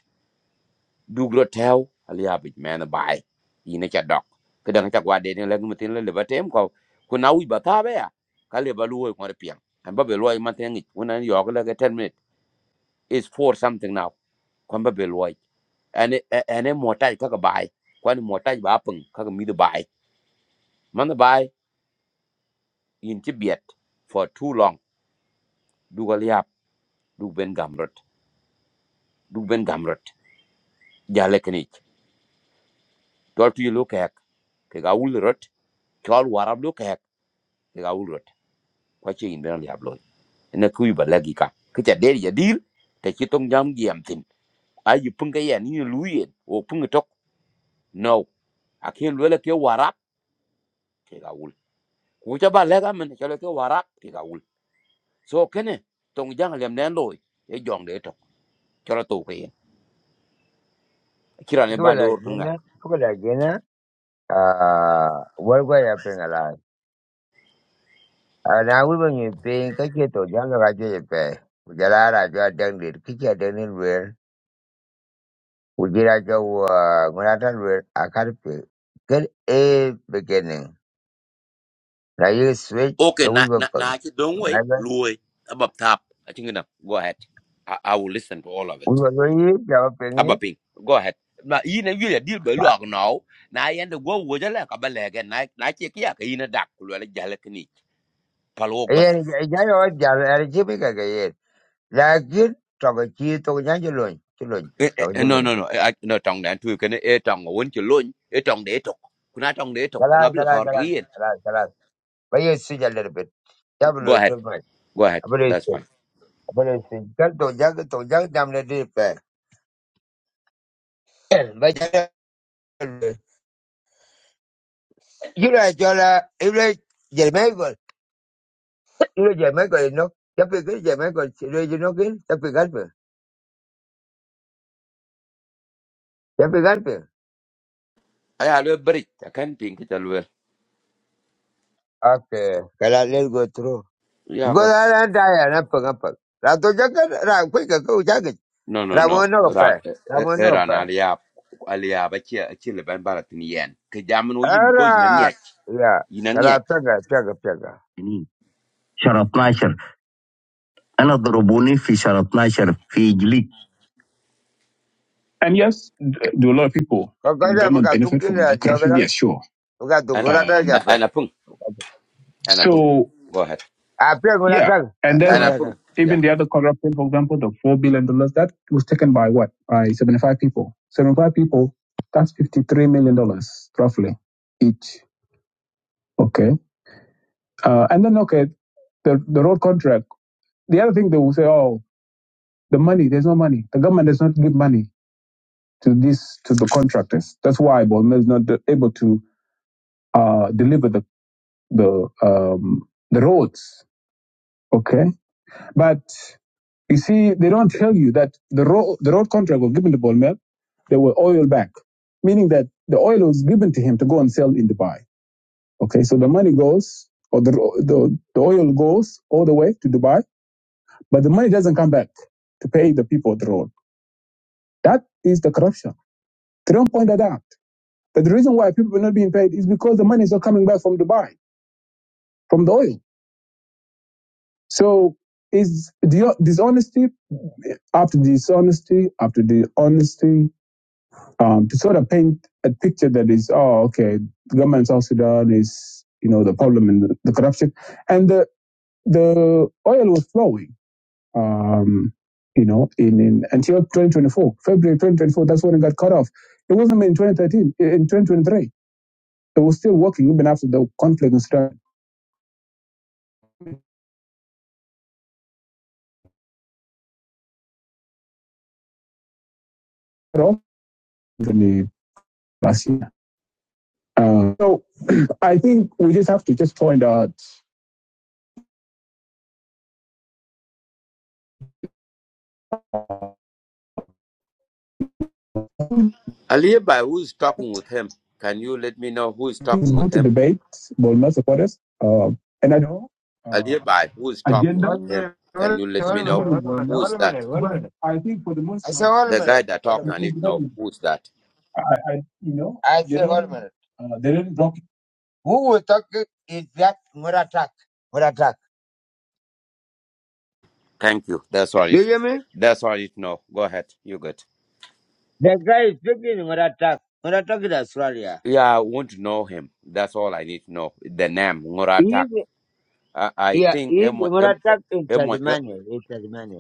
[SPEAKER 2] du gro tew a li yab me na bai yi ne cha dok ke dang cha gwa de ne la ngi tin le le ba tem ko ku na wi ba ta be ya ka le ba lu ko re pian an ba be lo ma ten ni ku na yo ka le ten is for something now kwan ba beloi ane ane motaj kaka bai kwan motaj ba pung kaka mi the bai man the bai in tibet for too long du gal yap ben gamrot du ben gamrot jale kenich tol tu lo kek ke ga ul rot tol warab lo kek ke ul rot kwa chi in ben yap lo ne ku ba lagi ka ke ja der ya dir te chi tong jam giam tin a yi pung ka ya ni lu yen o pung tok no a ke lo le ke warab Ku cha men chole ke warak ti ga So kene tong jang lem nen loy e jong de to. Chole to ke. Kira ne
[SPEAKER 1] People
[SPEAKER 2] ba do
[SPEAKER 1] like
[SPEAKER 2] kan
[SPEAKER 1] Guinea, people like Guinea, uh, worldwide, na wi ba nyi piny ka che to jang ga che pe ku ja la ra ja dang dir ki che dang ni wer ku ji ra ja wo ngu ra ta wer a ka pe ker e beginning na ye switch ka
[SPEAKER 2] Okay
[SPEAKER 1] wi
[SPEAKER 2] na
[SPEAKER 1] ba
[SPEAKER 2] na
[SPEAKER 1] pa
[SPEAKER 2] na chi dong
[SPEAKER 1] na
[SPEAKER 2] we
[SPEAKER 1] ga
[SPEAKER 2] luoy abab tap. I think na go ahead. I, I will listen to all of
[SPEAKER 1] wi
[SPEAKER 2] it.
[SPEAKER 1] ba lo yi ja ba pe ni
[SPEAKER 2] Abaping. Go ahead. Ma yi ne wi deal be lu now. Na yen de go wo jale ka ba le na na chi ki ke yin dak ku le jale kni. Palo
[SPEAKER 1] e ye
[SPEAKER 2] bas.
[SPEAKER 1] ni ja yo ja ra ji bi ka ga ye la ki to ga chi to ga ja ji lo chi lo
[SPEAKER 2] Eh, eh,
[SPEAKER 1] to
[SPEAKER 2] eh,
[SPEAKER 1] ga
[SPEAKER 2] No
[SPEAKER 1] lo
[SPEAKER 2] no no. Eh, ah, No tong dan tu kene e tong won chi loñ e tong de to. Kuna tong de to.
[SPEAKER 1] ga la ga
[SPEAKER 2] Ngabla
[SPEAKER 1] la
[SPEAKER 2] thor
[SPEAKER 1] ga la
[SPEAKER 2] green.
[SPEAKER 1] ga la ba ye su ja le bit ja bu
[SPEAKER 2] Go
[SPEAKER 1] lo
[SPEAKER 2] ahead.
[SPEAKER 1] to
[SPEAKER 2] Go ahead. That's
[SPEAKER 1] ma
[SPEAKER 2] fine.
[SPEAKER 1] Pero sí, tanto ya que to ya que tamne dipe. Vaya. Yura yola, yura yemego, yura yemego, no. Ya pegué yemego, si lo yo no que, ya pegarpe. Ya pegarpe.
[SPEAKER 2] I have a break. I can't think it alwell.
[SPEAKER 1] Okay, que le go tro.
[SPEAKER 2] Yeah,
[SPEAKER 1] Go
[SPEAKER 2] go.
[SPEAKER 1] da la da ya na pa pa. La to ya que ra fue que go ya que.
[SPEAKER 2] No, no,
[SPEAKER 1] Ra
[SPEAKER 2] no.
[SPEAKER 1] bueno
[SPEAKER 2] Ran,
[SPEAKER 1] pa.
[SPEAKER 2] eh,
[SPEAKER 1] Ra
[SPEAKER 2] eh, eh,
[SPEAKER 1] bueno
[SPEAKER 2] ran
[SPEAKER 1] pa.
[SPEAKER 2] aliab, aliab. I chill, I chill. Ben barat ni yen. Kejam no yin because yin ang
[SPEAKER 1] Ara.
[SPEAKER 2] yet,
[SPEAKER 1] Ya,
[SPEAKER 2] yin ang yet.
[SPEAKER 1] kala pega, pega, pega. يعني شهر 12 انا ضربوني في شهر 12 في And yes, th- do a lot of people, Kokoja government buka benefit tukini from tukile ya education? chokera. Yes, sure. Buka
[SPEAKER 2] An,
[SPEAKER 1] tukura ta Um, japa.
[SPEAKER 2] an apung, an apung.
[SPEAKER 1] so,
[SPEAKER 2] Go ahead.
[SPEAKER 1] Ah, pia kuna yeah. taka. And Pia then
[SPEAKER 2] An
[SPEAKER 1] kuna
[SPEAKER 2] apung.
[SPEAKER 1] taka.
[SPEAKER 2] Yeah.
[SPEAKER 1] even the other corruption, for example, the $4 billion, dollars that was taken by what? By 75 people. 75 people, that's $53 million, dollars roughly, each. Okay. Uh, and then, okay, the, the road contract. The other thing they will say, oh, the money, there's no money. The government does not give money to this, to the contractors. That's why Bolmer is not able to uh, deliver the. the um, the roads. Okay, but you see, they don't tell you that the road the road contract was given to Bolmel. They were oil back, meaning that the oil was given to him to go and sell in Dubai. Okay, so the money goes or the the, the oil goes all the way to Dubai, but the money doesn't come back to pay the people of the road. That is the corruption. They don't point that out. But the reason why people are not being paid is because the money is not coming back from Dubai, from the oil. So is the dishonesty after dishonesty after the honesty um, to sort of paint a picture that is oh okay the government of South Sudan is you know the problem and the, the corruption and the the oil was flowing um, you know in, in until 2024 February 2024 that's when it got cut off it wasn't in 2013 in 2023 it was still working even after the conflict in Sudan cut off in 20 last year Uh, so <clears throat> I think we just have to just point out
[SPEAKER 2] Alibi, who's talking with him? Can you let me know who's
[SPEAKER 1] it's
[SPEAKER 2] talking with
[SPEAKER 1] good to
[SPEAKER 2] him?
[SPEAKER 1] debate, but not support us. Uh, and I know uh,
[SPEAKER 2] Alibi, who's
[SPEAKER 1] agenda.
[SPEAKER 2] talking
[SPEAKER 1] Hold
[SPEAKER 2] with
[SPEAKER 1] a
[SPEAKER 2] him?
[SPEAKER 1] minute,
[SPEAKER 2] Can you let me know? Who's that?
[SPEAKER 1] I think for the most I said, part, a
[SPEAKER 2] The guy
[SPEAKER 1] minute,
[SPEAKER 2] that talking, I need to know who's that.
[SPEAKER 1] I, I, you know, I they said, hold a minute. uh, they did not block Who was talking is that Muratak? Muratak.
[SPEAKER 2] Thank you. That's all.
[SPEAKER 1] Do
[SPEAKER 2] It,
[SPEAKER 1] you hear me?
[SPEAKER 2] that's all It no Go ahead. You good?
[SPEAKER 1] That guy is speaking Muratak. Muratak in Australia.
[SPEAKER 2] Yeah, I want to know him. That's all I need to know. The name
[SPEAKER 1] He
[SPEAKER 2] Ngoratak.
[SPEAKER 1] is,
[SPEAKER 2] I, I
[SPEAKER 1] yeah, he
[SPEAKER 2] think
[SPEAKER 1] is
[SPEAKER 2] emo em
[SPEAKER 1] Muratak in
[SPEAKER 2] emo
[SPEAKER 1] Tasmania. In Tasmania.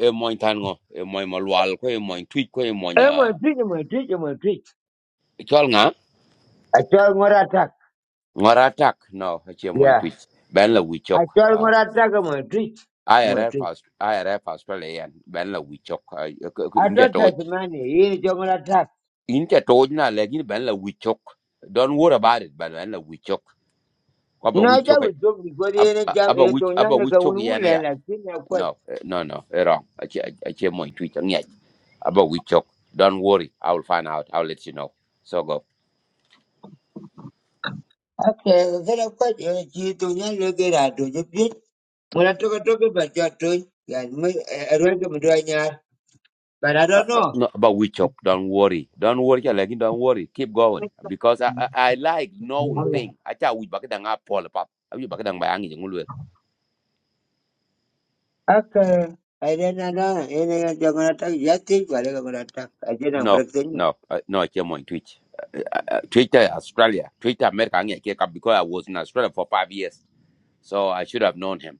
[SPEAKER 2] emo tango emo emo lual ko emo tweet ko emo
[SPEAKER 1] I'm a
[SPEAKER 2] nya
[SPEAKER 1] treat, I'm a treat, I'm a treat.
[SPEAKER 2] chol nga
[SPEAKER 1] I told him what attack.
[SPEAKER 2] Ngoratak. No, it's emo
[SPEAKER 1] Yeah.
[SPEAKER 2] tweet. Ben la we chok.
[SPEAKER 1] I told him
[SPEAKER 2] Uh,
[SPEAKER 1] what attack, I'm a treat. I'm a
[SPEAKER 2] IRF
[SPEAKER 1] treat.
[SPEAKER 2] Aus- IRF Australia ben la we
[SPEAKER 1] I
[SPEAKER 2] Inja
[SPEAKER 1] told
[SPEAKER 2] toj.
[SPEAKER 1] Tasmania, he ain't a attack.
[SPEAKER 2] Inja toj na lagi ben la we Don't worry about it. Ben ben la we chok.
[SPEAKER 1] No, that was joke because he
[SPEAKER 2] ab-
[SPEAKER 1] ain't
[SPEAKER 2] a-
[SPEAKER 1] jump a
[SPEAKER 2] aba
[SPEAKER 1] job, he
[SPEAKER 2] wich
[SPEAKER 1] don't
[SPEAKER 2] aba
[SPEAKER 1] know
[SPEAKER 2] wich
[SPEAKER 1] the one
[SPEAKER 2] chok
[SPEAKER 1] who
[SPEAKER 2] yana ya
[SPEAKER 1] land, I think I quit.
[SPEAKER 2] no eh, no no eh, wrong ache ache mo tweet ngej aba wich don't worry i will find out i'll let you know so go
[SPEAKER 1] Okay, then I quit, and he don't know the get out of the pit. When I took a talk about your toy, yeah, I don't know, but I
[SPEAKER 2] uh,
[SPEAKER 1] don't
[SPEAKER 2] uh,
[SPEAKER 1] know.
[SPEAKER 2] no aba wich don't worry don't worry cha like don't worry keep going because i i, I like knowing thing acha wich ba kedang apol pap abi ba kedang bayangi ngulwe
[SPEAKER 1] Okay. I didn't know anything I'm gonna attack. Yeah, I think I'm gonna attack. I didn't
[SPEAKER 2] no
[SPEAKER 1] break the news.
[SPEAKER 2] no uh, no ache mo tweet Twitter Australia, Twitter America, ngej ke kap because I was in Australia for five years, so I should have known him.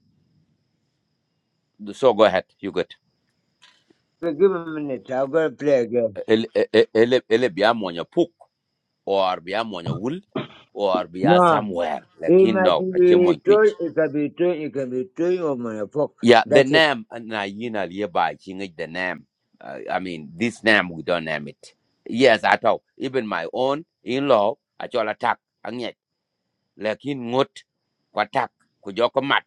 [SPEAKER 2] So go ahead, you go.
[SPEAKER 1] Give me a minute. I'm gonna play again.
[SPEAKER 2] ele ele ele ele biya monya puk or biya monya wool or biya
[SPEAKER 1] No,
[SPEAKER 2] somewhere
[SPEAKER 1] it
[SPEAKER 2] lakin
[SPEAKER 1] might
[SPEAKER 2] no ache
[SPEAKER 1] be
[SPEAKER 2] mon
[SPEAKER 1] towing,
[SPEAKER 2] twitch
[SPEAKER 1] it can be towing, it can be towing or my fork.
[SPEAKER 2] yeah the
[SPEAKER 1] That's it.
[SPEAKER 2] name uh, na yina liba chinga the name uh, i mean this name we don't name it yes at all even my own in law I all attack anyet lakin ngot ko attack ko joko mat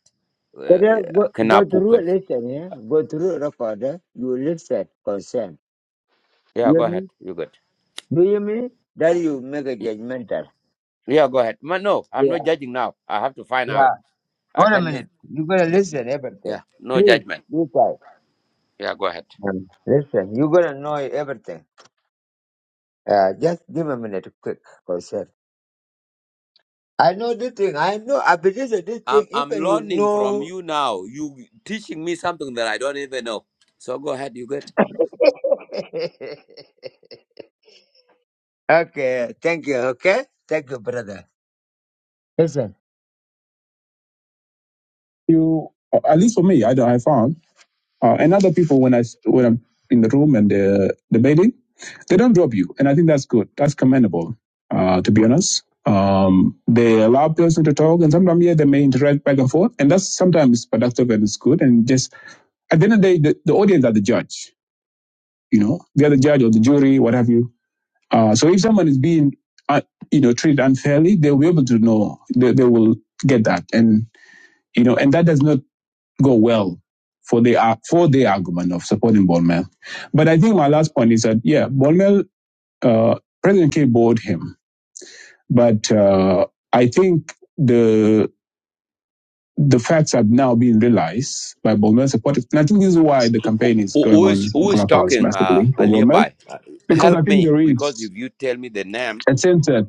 [SPEAKER 1] But then
[SPEAKER 2] uh,
[SPEAKER 1] go,
[SPEAKER 2] kana
[SPEAKER 1] go through
[SPEAKER 2] puken
[SPEAKER 1] it, listen, yeah? Go through it, recorder. You listen, concern. You
[SPEAKER 2] yeah
[SPEAKER 1] hear
[SPEAKER 2] go ahead
[SPEAKER 1] me?
[SPEAKER 2] you good
[SPEAKER 1] Do you hear me? That you make a
[SPEAKER 2] Y-
[SPEAKER 1] judgmental.
[SPEAKER 2] yeah go ahead Ma no i'm
[SPEAKER 1] Yeah,
[SPEAKER 2] not judging now i have to find
[SPEAKER 1] yeah.
[SPEAKER 2] out i
[SPEAKER 1] Hold a
[SPEAKER 2] can
[SPEAKER 1] minute. you got to listen everything.
[SPEAKER 2] yeah no
[SPEAKER 1] Please,
[SPEAKER 2] judgment
[SPEAKER 1] you guys.
[SPEAKER 2] yeah go ahead
[SPEAKER 1] um, Listen, you got to know everything. Uh, just give me a minute, quick, concern. I know this thing. I know. I believe that this
[SPEAKER 2] I'm
[SPEAKER 1] thing.
[SPEAKER 2] I'm
[SPEAKER 1] Even you
[SPEAKER 2] learning from
[SPEAKER 1] know.
[SPEAKER 2] you now. You teaching me something that I don't even know. So go ahead, you good?
[SPEAKER 1] <laughs> Okay, thank you. Okay, thank you, brother. Yes, sir. You, at least for me, I, I found, uh, and other people when I s- when I'm in the room and uh, debating, they don't drop you, and I think that's good. That's commendable. Uh, to be honest, um, they allow person to talk, and sometimes yeah, they may interact back and forth, and that's sometimes productive and it's good. And just at the end of the day, the, the audience are the judge. You know, they are the judge or the jury, what have you Uh, so if someone is being, uh, you know, treated unfairly, they will be able to know. They, they will get that, and you know, and that does not go well for the uh, for the argument of supporting Bonmel. But I think my last point is that yeah, Bonmel, uh, President K bored him, but uh, I think the the facts have now been realized by Bonmel supporters, and I think this is why the campaign is
[SPEAKER 2] Who,
[SPEAKER 1] going
[SPEAKER 2] who is
[SPEAKER 1] on on
[SPEAKER 2] who is
[SPEAKER 1] Clubhouse
[SPEAKER 2] talking? Uh,
[SPEAKER 1] massively for Bonmel
[SPEAKER 2] Alibi,
[SPEAKER 1] because I
[SPEAKER 2] help
[SPEAKER 1] think
[SPEAKER 2] me
[SPEAKER 1] there
[SPEAKER 2] because
[SPEAKER 1] is
[SPEAKER 2] if you tell me the name,
[SPEAKER 1] a sense that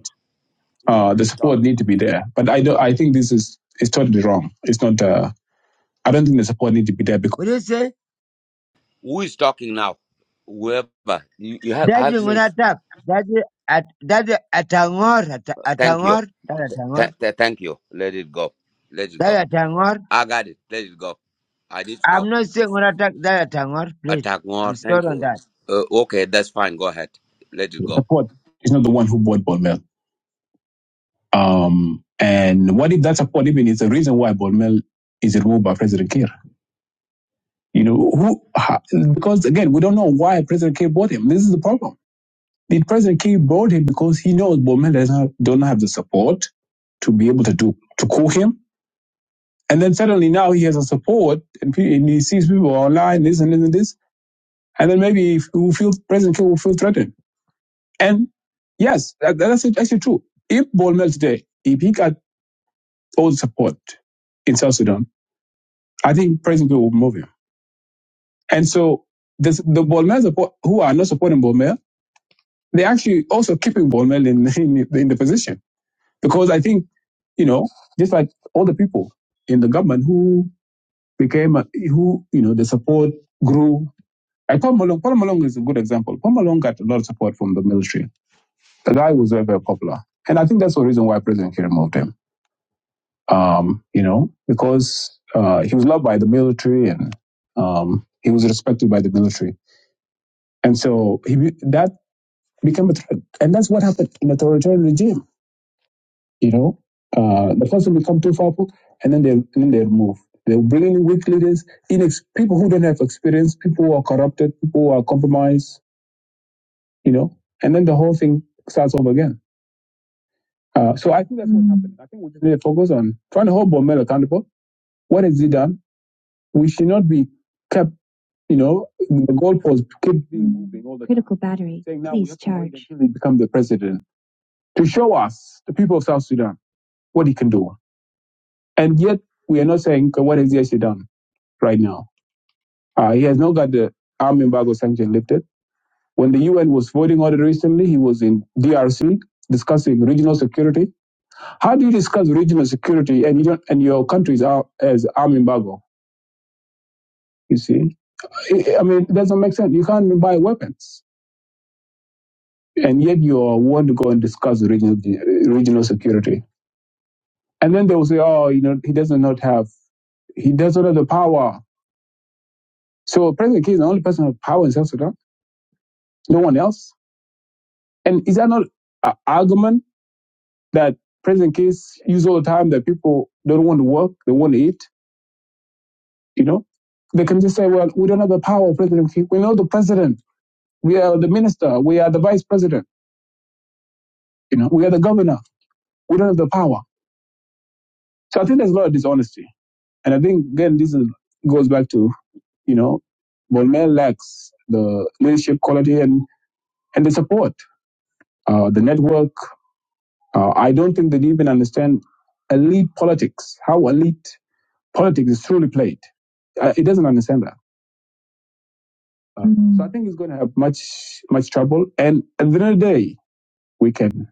[SPEAKER 1] Uh, the support need to be there, but I don't. I think this is is totally wrong. It's not. Uh, I don't think the support need to be there because. What do you say?
[SPEAKER 2] who is talking now? Whoever you, you help,
[SPEAKER 1] That's
[SPEAKER 2] help
[SPEAKER 1] an
[SPEAKER 2] me.
[SPEAKER 1] attack. That's a, at, that's a, atangor tangor, a, ta- a
[SPEAKER 2] Thank you.
[SPEAKER 1] that's a
[SPEAKER 2] Th- th- thank you. Let it go. Let it
[SPEAKER 1] that's
[SPEAKER 2] go.
[SPEAKER 1] a
[SPEAKER 2] I got it. Let it go. I didn't
[SPEAKER 1] I'm
[SPEAKER 2] know.
[SPEAKER 1] not saying an attack, that's atangor, please.
[SPEAKER 2] Attack more.
[SPEAKER 1] I'm
[SPEAKER 2] Thank
[SPEAKER 1] sure on
[SPEAKER 2] you.
[SPEAKER 1] that.
[SPEAKER 2] Uh, okay, that's fine. Go ahead. Let it go.
[SPEAKER 1] support is not the one who bought Bonmel. Um, and what if that support even is the reason why Bonmel is removed by President Kiir? You know, who, ha, because again, we don't know why President Kiir bought him. This is the problem. The President Kiir brought him because he knows Bolmel does not don't have the support to be able to do to cool him. And then suddenly now he has a support and, pe- and he sees people online, this and this and this. And then maybe if we feel President Kiir will feel threatened. And yes, that, that's actually true. If Bolmel today, if he got all the support in South Sudan, I think President Kiir will move him. And so this, the Bolmel support, who are not supporting Bolmel, they're actually also keeping Bolmel in, <laughs> in, the- in the position. Because I think you know, just like all the people in the government who became, a, who, you know, the support grew. Like Paul Malong, Paul Malong is a good example. Paul Malong got a lot of support from the military. The guy was very, very popular. And I think that's the reason why President Kiir moved him, um, you know, because uh, he was loved by the military and um, he was respected by the military. And so he, that became a threat. And that's what happened in a authoritarian regime you know, uh, the person become too powerful, and then they and then they move. They're bringing weak leaders, inex- people who don't have experience, people who are corrupted, people who are compromised, you know, and then the whole thing starts over again. Uh, so I think that's what happened. I think we just need to focus on trying to hold Bormel accountable. What has he done? We should not be kept, you know, the goalposts keep being moving all the time. Critical battery. Saying now we Please have to wait charge. until he become the president to show us, the people of South Sudan, what he can do. And yet we are not saying "Okay, what has he actually done right now. Uh, he has now got the arm embargo sanction lifted. When the UN was voting on it recently, he was in DRC discussing regional security. How do you discuss regional security and you don't, and your countries are as arm embargo? You see, I mean, it doesn't make sense. You can't buy weapons, and yet you want to go and discuss regional regional security. And then they will say, oh, you know, he doesn't not have he doesn't have the power. So President Kiir is the only person with power in South Sudan. No one else. And is that not an argument? that present kids use all the time that people don't want to work, they want to eat, you know. They can just say, well, we don't have the power, President Kiir. we know the president. We are the minister. We are the vice president. You know, we are the governor. We don't have the power. So I think there's a lot of dishonesty. And I think, again, this is, goes back to, you know, Bonmel lacks the leadership quality and, and the support, uh, the network. Uh, I don't think that they even understand elite politics, how elite politics is truly played. Uh, it doesn't understand that. Uh, mm-hmm. so I think it's going to have much much trouble. And at the end of the day, we can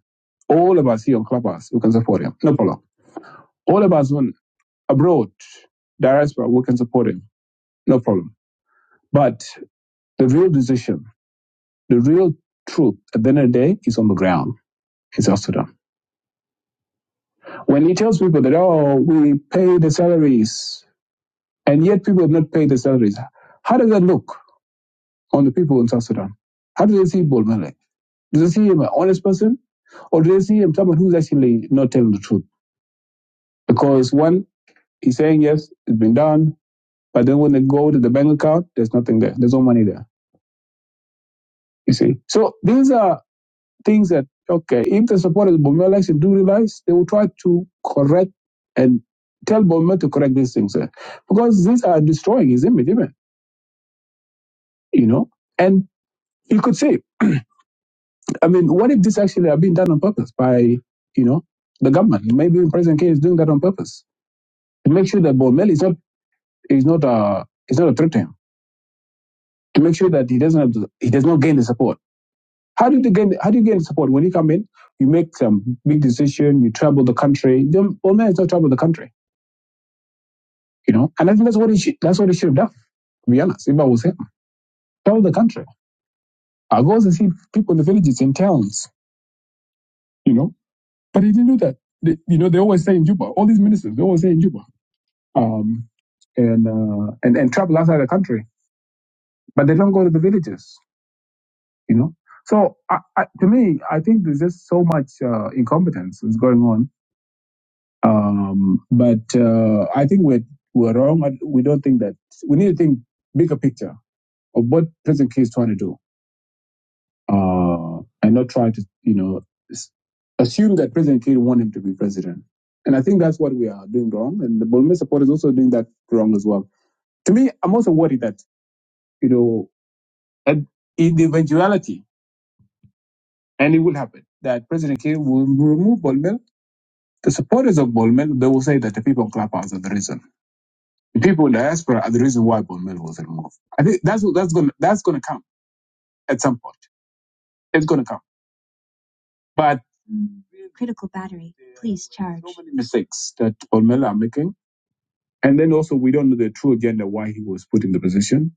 [SPEAKER 1] all of us here on Clubhouse, we can support him, no problem. All of us on abroad, diaspora, we can support him, no problem. But the real decision, the real truth, at the end of the day, is on the ground in South Sudan. When he tells people that oh, we pay the salaries, and yet people have not paid the salaries, how does that look on the people in South Sudan? How do they see Bolmele? Do they see him an honest person? Or do they see him someone who's actually not telling the truth? Because one, he's saying yes, it's been done, but then when they go to the bank account, there's nothing there. There's no money there. You see. So these are things that okay, if the supporters of Bomel election do realize, they will try to correct and tell Bomel to correct these things. eh. Because these are destroying his image, even, you know? And you could say, I mean, what if this actually have been done on purpose by, you know, the government? Maybe President K is doing that on purpose to make sure that Bomel is not is not a is not a threat to him to make sure that he doesn't have the, he does not gain the support. How do you gain how do you gain support when you come in? You make some big decision, you travel the country. Then Old man is not trouble the country, you know. And I think that's what he should that's what he should have done. To be honest, if I was him, Travel the country. I go and see people in the villages and towns, you know. But he didn't do that. They, you know, they always say in Juba, all these ministers, they always say in Juba, um, and uh, and and travel outside the country, but they don't go to the villages you know. So I, I, to me, I think there's just so much uh, incompetence is going on. Um, but uh, I think we're we're wrong. I- We don't think that we need to think bigger picture of what President Kiir is trying to do, uh, and not try to you know s- assume that President Kiir want him to be president. And I think that's what we are doing wrong, and the Bolme support is also doing that wrong as well. To me, I'm also worried that you know, at- in the eventuality, and it will happen that President Kiir will remove Bolme The supporters of Bolmel, they will say that the people in Clubhouse are the reason. The people in the diaspora are the reason why Bolmel was removed. I think that's that's going that's going to come at some point. It's going to come. But please charge. So many mistakes that Bolmel are making, and then also we don't know the true agenda why he was put in the position.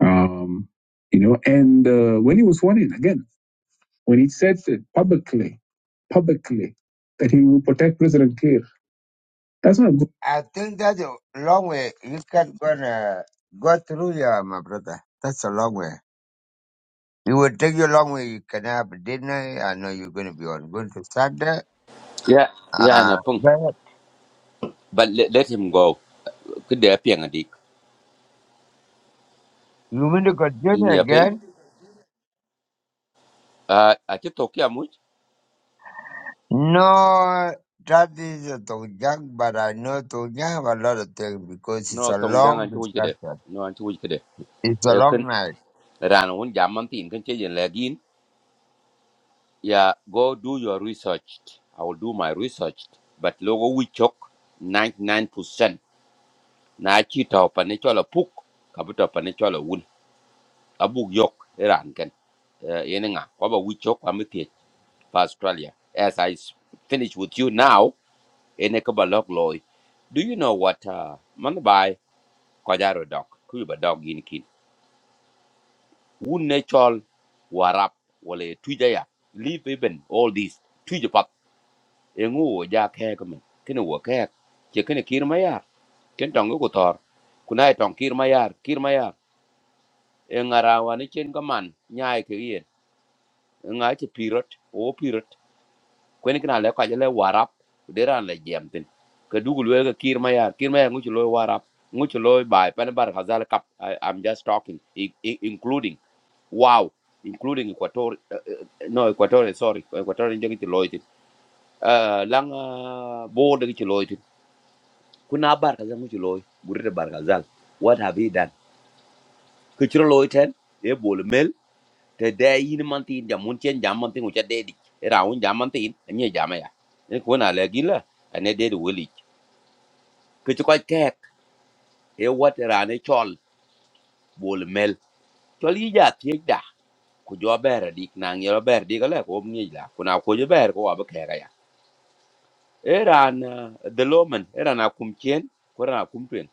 [SPEAKER 1] Um, you know, and uh, when he was sworn in again, when he said that publicly, publicly that he will protect President Kiir That's not good. I think that's a long way. You can gonna go through here, my brother. That's a long way. It will take you a long way. You can have dinner. I know you're gonna be on going to Sunday.
[SPEAKER 2] Yeah, yeah,
[SPEAKER 1] Uh
[SPEAKER 2] and I pung.
[SPEAKER 1] but
[SPEAKER 2] But let, let him go. Could there be a dick
[SPEAKER 1] you want to continue
[SPEAKER 2] in your
[SPEAKER 1] again?
[SPEAKER 2] a a ci to kya mu
[SPEAKER 1] No that is a Tongjang, but I know Tongjang have a lot of things because it's
[SPEAKER 2] no
[SPEAKER 1] a
[SPEAKER 2] tong dang
[SPEAKER 1] long
[SPEAKER 2] an chu kede
[SPEAKER 1] discussion.
[SPEAKER 2] no an chu kede
[SPEAKER 1] It's a
[SPEAKER 2] e
[SPEAKER 1] long
[SPEAKER 2] ken
[SPEAKER 1] night.
[SPEAKER 2] ran un jam man tin ken che yen lagin ya go do your research i will do my research but logo wi chok 99% na chi to pa ne chola puk ka bu to pa ne chola wun abuk yok e ran ken yen nga ko ba wi chok pa mi pa australia as i s- finish with you now ene ka ba lok loy do you know what uh, man bai ko jaro dok ku ba dog yin kin wun natural warap wale tuja ya leave even all this tuja pap engu wo ja khe ko men kene wo khe che kene kir ma yar ken tong ko tor kunai tong kir ma kir ma engara wa ni chen kaman, nyai ke yen nga che pirot o pirot kwen kana le ka le warap deran le jam tin ka dugul we ka kir ma kir ma ngu che lo warap ngu che lo bai pan bar khazal kap I, i'm just talking i, i, including wow including equator uh, uh, no equatorial sorry equatorial ngi ci loyti uh, lang uh, board ngi ci loyti kuna barka zangu ci loy burita barka zal what have he done ke ci loyten e bol mel te de yin manti in jamun chen jamanti ngu cha dedi raun jamanti in nye jama ya e kuna le gila ane dedi weli ke ci koy kek e wat e rane chol bol mel chol yi ja tiek da ku jo ber dik nang yo ber dik ale ko mni la kuna ko jo ber ko wa eran de lomen eran akum chen koran akum twen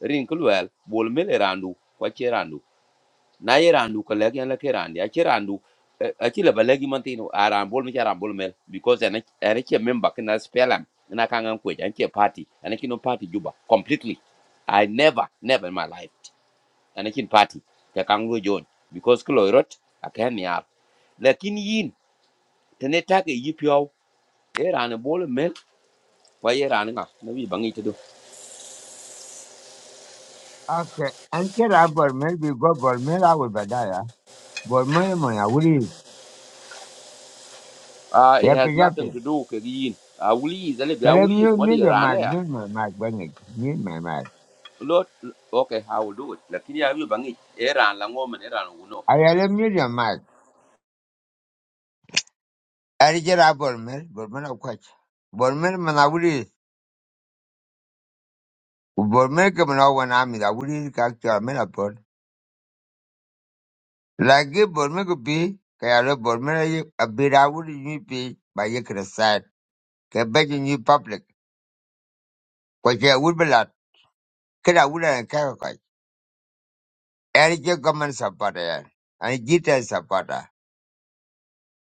[SPEAKER 2] rin kulwel bol mel erandu kwa cherandu na erandu ko legen la kerandi a cherandu a chile balegi mantino aran bol mi charan bol mel because an an che member kana spelam na kanga kwe an che party an kino party juba completely i never never in my life an kin party ka kango jon because kloirot akemia lakin yin tene take yipyo eran bol mel kwa eran nga na wi bangi
[SPEAKER 1] Okay. And get up Bormel, we go Bormel, I will Badaya. Bormel, my, I will. eat.
[SPEAKER 2] Uh, it
[SPEAKER 1] Yep,
[SPEAKER 2] has
[SPEAKER 1] yep.
[SPEAKER 2] nothing to do with yin. I will ease, I will
[SPEAKER 1] I
[SPEAKER 2] I will
[SPEAKER 1] let
[SPEAKER 2] ease.
[SPEAKER 1] mute,
[SPEAKER 2] What do
[SPEAKER 1] mute
[SPEAKER 2] you
[SPEAKER 1] your
[SPEAKER 2] run
[SPEAKER 1] mic,
[SPEAKER 2] here?
[SPEAKER 1] mute my mic, bang it, mute my mic.
[SPEAKER 2] Lord, okay, I will do it. Like Lakini ya yu bangi, eran la ngomen, eran uno.
[SPEAKER 1] I let mute your mic. I did get up Bormel, Bormel of Quach. Bormel Manawuri, Bormel Kamana one army, I would eat Kakta Menapod. Like it, Bormel could be, Kayala Bormel, a bit I would you be by Yakra side, Quebec in you public, Quacha would be lot, Kaya would and Karakai. Eric Gaman Sapata, and Gita Sapata,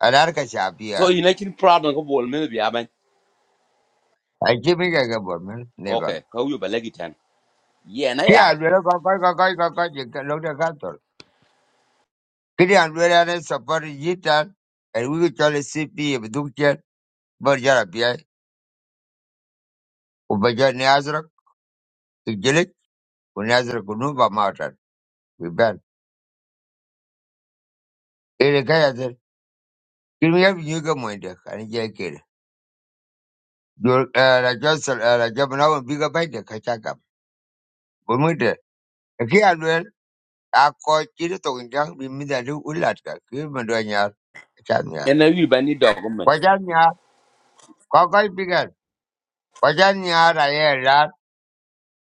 [SPEAKER 1] and Arkasha
[SPEAKER 2] So
[SPEAKER 1] Pia.
[SPEAKER 2] you making problem of bol mene biya ban.
[SPEAKER 1] I keep it like a Bormel, never.
[SPEAKER 2] Okay, how you ba legi tan. Yeah, na
[SPEAKER 1] Ki
[SPEAKER 2] ya.
[SPEAKER 1] alwela kakoi kakoi kakoi jeka lokta kator. Kiri alwela ne sapari jitan. And we could tell a CP of Duktian, Berger Pia, Ubaja Nazrak, the Gilik, Unazra Kunuba Martin. We ban. Erekayat, Kiriam Yuga Moinda, and Jakir. Your Rajosel, Rajabana, Biga Baita, Kachaka. Bumita. Ki alwel, a koi kiri tokin jang, bimida do ulatka, Kirmanduanyar, Chanyar.
[SPEAKER 2] Ena yu ba ni document.
[SPEAKER 1] Kwajanyar, Kakoi Pigan, Kwajanyar,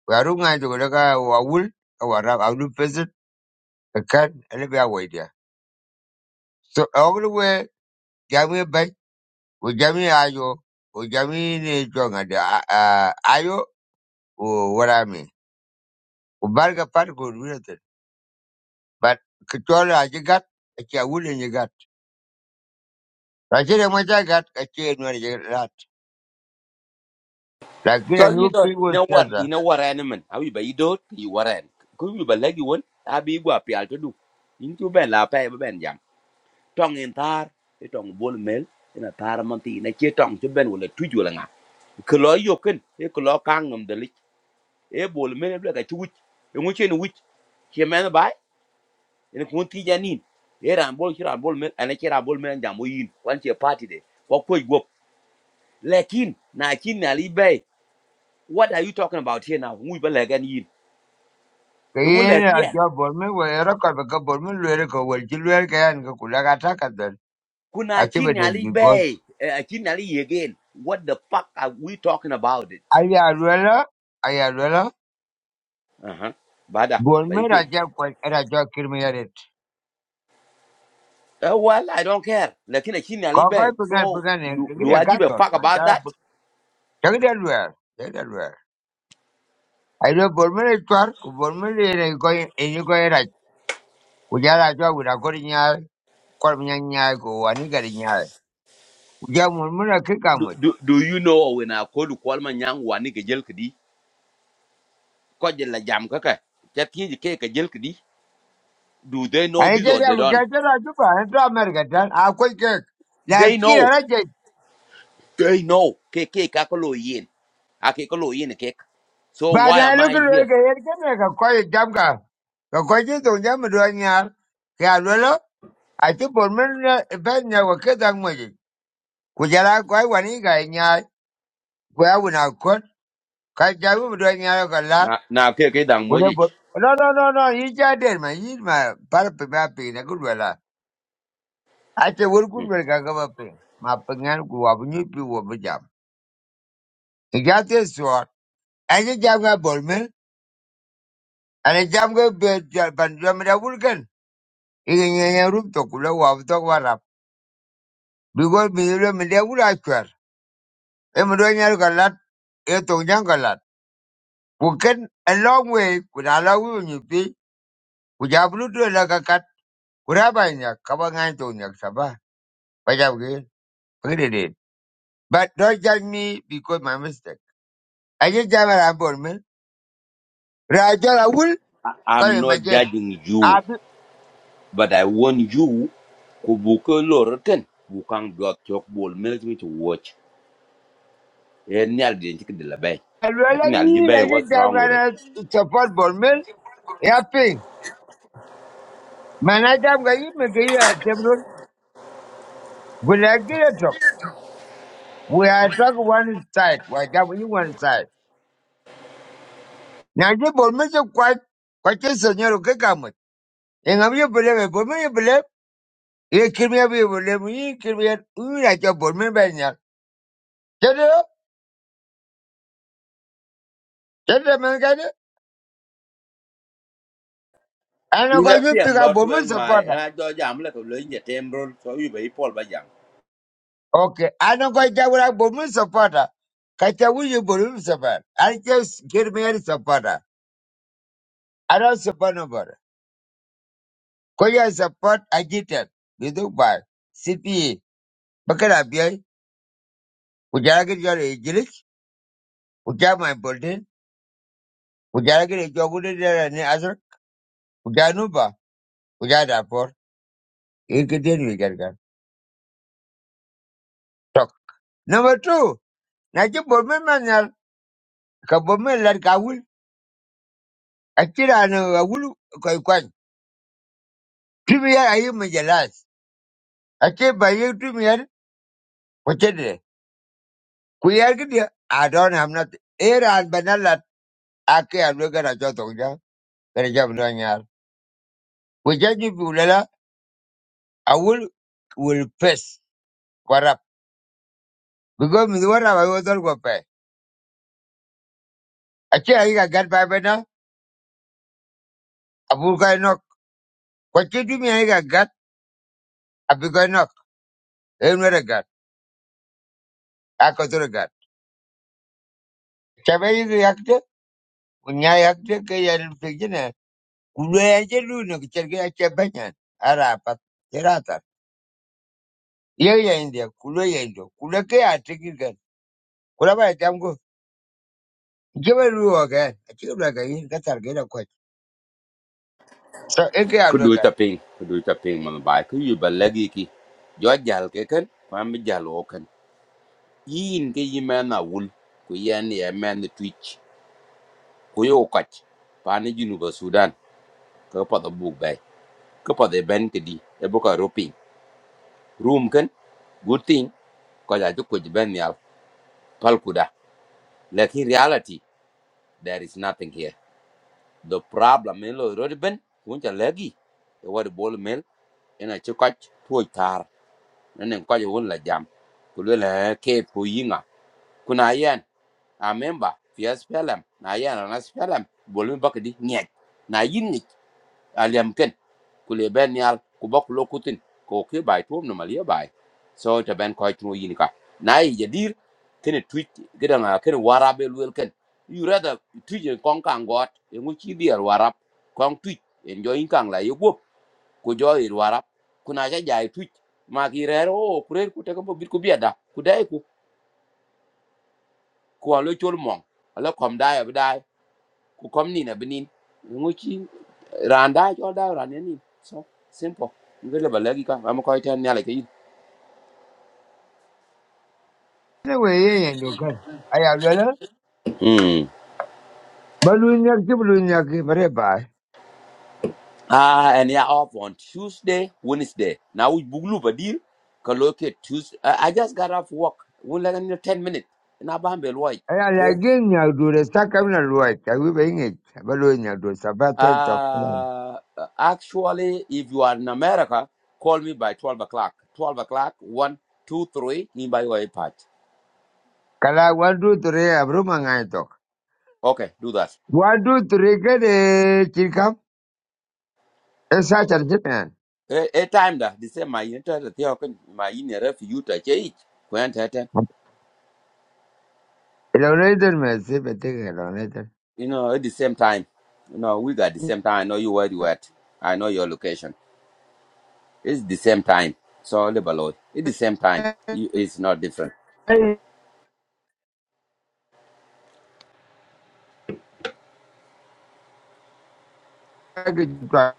[SPEAKER 1] Warunga to Golaga Wawul, our Aulu peasant, a cat, and a bear waiter. So all the way, Jamie Bay, with Jamie Ayo, with Jamie Jong and Ayo, or what I mean. Ubarga Park would win it. But Katola, I got a chawul in your gut. Rajira Maja got a chain where you got. Lakina
[SPEAKER 2] So you
[SPEAKER 1] new
[SPEAKER 2] do, you
[SPEAKER 1] people
[SPEAKER 2] know what,
[SPEAKER 1] treasure.
[SPEAKER 2] you know what animal. How you ba you do, you waran. Ko yu ba legi won, abi gwa i to do. Into ben la pa ba ben jam. tong in tar ti tong bol mel ina tar man ti na che tong che ben wala tuju wala nga ko lo yo e ko lo kang nam de lik e bol mel bla ka tuj e ngu chen wuj che men bai ina ko ti janin e ran bol chi ran bol mel ana che ran bol mel jam yin wan che party de ko ko go lekin na kin na li bay what are you talking about here now ngu ba le gan yin e ngu le
[SPEAKER 1] Kayena a
[SPEAKER 2] yen
[SPEAKER 1] job for me where a couple of couple of men were a couple of children can go Kulaka attack at them.
[SPEAKER 2] kuna kin na li bay a kin na li again what the fuck are we talking about it
[SPEAKER 1] Ayarvela, Ayarvela,
[SPEAKER 2] Uh-huh. Bada, but
[SPEAKER 1] Golme
[SPEAKER 2] pay.
[SPEAKER 1] Raja Kwal- Raja Kirmiyarit.
[SPEAKER 2] Uh, well, I don't care. Like in a kidney, I
[SPEAKER 1] Kakai Pugan
[SPEAKER 2] So
[SPEAKER 1] Pugan,
[SPEAKER 2] do, do
[SPEAKER 1] Kagria
[SPEAKER 2] I give a
[SPEAKER 1] Gator,
[SPEAKER 2] fuck about
[SPEAKER 1] Manta,
[SPEAKER 2] that?
[SPEAKER 1] Jagadelware, Jagadelware. I know Golme Twar, Golme going in you go right. Kujara with a Gorinia, Kormiania, go and Garinia. Uja Murmura
[SPEAKER 2] Do,
[SPEAKER 1] Kikamut.
[SPEAKER 2] do, do you know when I call to call my young one nigga jail kidi? call la jam kaka. That kid cake a jail kidi. Do they know
[SPEAKER 1] I
[SPEAKER 2] this
[SPEAKER 1] said,
[SPEAKER 2] or they
[SPEAKER 1] I'm
[SPEAKER 2] don't?
[SPEAKER 1] Gator, I do, and America, I'll quit. Like
[SPEAKER 2] They know.
[SPEAKER 1] Kira
[SPEAKER 2] They know. Keke kakolo yin. A kekolo yin a cake. So
[SPEAKER 1] But
[SPEAKER 2] why
[SPEAKER 1] I
[SPEAKER 2] am
[SPEAKER 1] look
[SPEAKER 2] I
[SPEAKER 1] at
[SPEAKER 2] here?
[SPEAKER 1] it, I can make a quiet jump car. The question to them doing yard. Yalwello, I took for men a pen never get that money. Could you like why one guy in yard? Where would I cut? Can't you doing yard a lot?
[SPEAKER 2] Na na keke dang
[SPEAKER 1] Would have
[SPEAKER 2] mojich.
[SPEAKER 1] no, no, no, no, he's just dead, man. He's my parapet, my pain, a good well. I said, What good
[SPEAKER 2] Hmm.
[SPEAKER 1] work I go up in? My pengan grew up, new people were jam. He got this sword. And he jammed a bowman, and he jammed a bed, but you Ingen rup to kule wab to warap. Because mi yule mi de wula chwer. E mi do galat, e to nyal galat. Kuken a long way, kuna la wu nyupi, kuja bulu tu la kakat, kuna ba nyak, kaba to nyak saba. Baja wge, pagde But don't judge me because my mistake. I just jam a rambol me. Rajal a wul,
[SPEAKER 2] I, I'm
[SPEAKER 1] kare
[SPEAKER 2] not
[SPEAKER 1] majen.
[SPEAKER 2] judging you.
[SPEAKER 1] Abi,
[SPEAKER 2] But I want you ku buka lor ken bukang dot chok bol minute me to watch. Eh nyal di chik de la bay. I
[SPEAKER 1] alwala
[SPEAKER 2] think I'll
[SPEAKER 1] yi, I
[SPEAKER 2] bay
[SPEAKER 1] just
[SPEAKER 2] what's
[SPEAKER 1] jam
[SPEAKER 2] wrong with it.
[SPEAKER 1] gana support bol me. Ya Mana jam gayi, mege yi a tebron. Gulagi We are talking one side. Why that we one side? Now you believe me so quite quite a senior okay come with. And I'm you believe it, me you believe. You kill me, you believe me, you kill me, you like your bold me by now. Tell you, tell them and get it. I know
[SPEAKER 2] In a
[SPEAKER 1] going to pick
[SPEAKER 2] piang
[SPEAKER 1] up
[SPEAKER 2] lot
[SPEAKER 1] bold me
[SPEAKER 2] wang my
[SPEAKER 1] supporter.
[SPEAKER 2] and I do jam like a lane at emerald so you bay Paul by jam.
[SPEAKER 1] Okay, I know going to get what I bold me supporter. Kata will you believe me support? I just give me a supporter. I don't support nobody. Cause support agitate. You do buy. CPE. Bakara biya. Kujara ke jara We got my building. We got to get a job with it there and the other. We got Nuba. We got that for. you could then we got that. Talk. Number two. Na ji bomi manyal. Ka bomi lad ka wul. A kira na a wul kwai kwan. Tumi yar ayi mu jelas. A ke ba yi tumi yar. Wace de. Ku yar gidi. I don't have nothing. Era al banala. A ke a lo gara jo tong ja. Gara jam lo nyal. Ku jaji bu lela. A wul will face. Warap. Because mi warap ayo dol go pay. Achi aiga ga gat ba na. Abu ga nok. Ko chi du mi ai ga gat. Abu ga nok. E no ra gat. A ko to gat. Cha ba yakte. Unya yakte ke ya rin Kulo ya je lu no ke cher ga cha ba nya. Ara ya india kulo ya indo. Kulo ke a te Kula ga. Kulo ba ta mgo. Je ba lu o ga. Achi ga ga yi ga tar ga So e ke a
[SPEAKER 2] Could
[SPEAKER 1] lu
[SPEAKER 2] do
[SPEAKER 1] ga.
[SPEAKER 2] it a ping, could do it a ping man by could you by leggy ki. Jo jal ke ken, kwam bi jal o ken. Yin ke yi man a wool, ku yan ye man the twitch, ku yo kach. Pani Junuba Sudan, ka pa the book bay. Ka pa the ben kedi, e book a roping. room can, good thing ko ja jukko ben ya pal kuda like in reality there is nothing here the problem in lo road ben kun ja lagi e wad bol mel ina ci koch tuoj tar and Then ko ja won la jam ku le la ke ku yinga kuna yen a member fias pelem na yen na pelem bol mi bakdi nyek na yin aliam ken ku le ben yal ku bok lo kutin ko ke bai tuom no malia bai so ta ben ko tu yin ka nai jadir ken tweet gidan a ken warabe luel ken you rather tweet en kon kan got en uchi dier warap kon tweet en jo in kan la yugo ku jo ir warap kuna ja jai tweet ma ki rero o kurer ku te ko bit ku biada ku dai ku ko lo chol mong ala kom dai ab ku kom ni na benin nguchi randa cho da randa ni so simple ngale balagi ka am ko ita nyale ke yin
[SPEAKER 1] Ne ye indo ga. Aya lu Balu
[SPEAKER 2] mm
[SPEAKER 1] Ba lu nya ki bu lu
[SPEAKER 2] ah and yeah off on tuesday wednesday now we buglu badir ka locate tuesday i I just got off work we like in 10 minutes na bambel wai
[SPEAKER 1] Ela
[SPEAKER 2] oh.
[SPEAKER 1] lagi nyagdure sakam na luai kawi bengit balu nyagdure sabate tok.
[SPEAKER 2] uh actually if you are in america call me by 12 o'clock 12 o'clock One, two, three. 2 in by way patch
[SPEAKER 1] Kala wadu ture abru mangai tok.
[SPEAKER 2] okay do that
[SPEAKER 1] Wadu ture kade chikam esa charjit na.
[SPEAKER 2] e e time da the same my inter the open my in a to change when that
[SPEAKER 1] Ela mesi bete kala unaitan.
[SPEAKER 2] you know at the same time you know we got the same time i know you where you at i know your location it's the same time so level it's the same time You- it's not different
[SPEAKER 1] Ay lagi chikam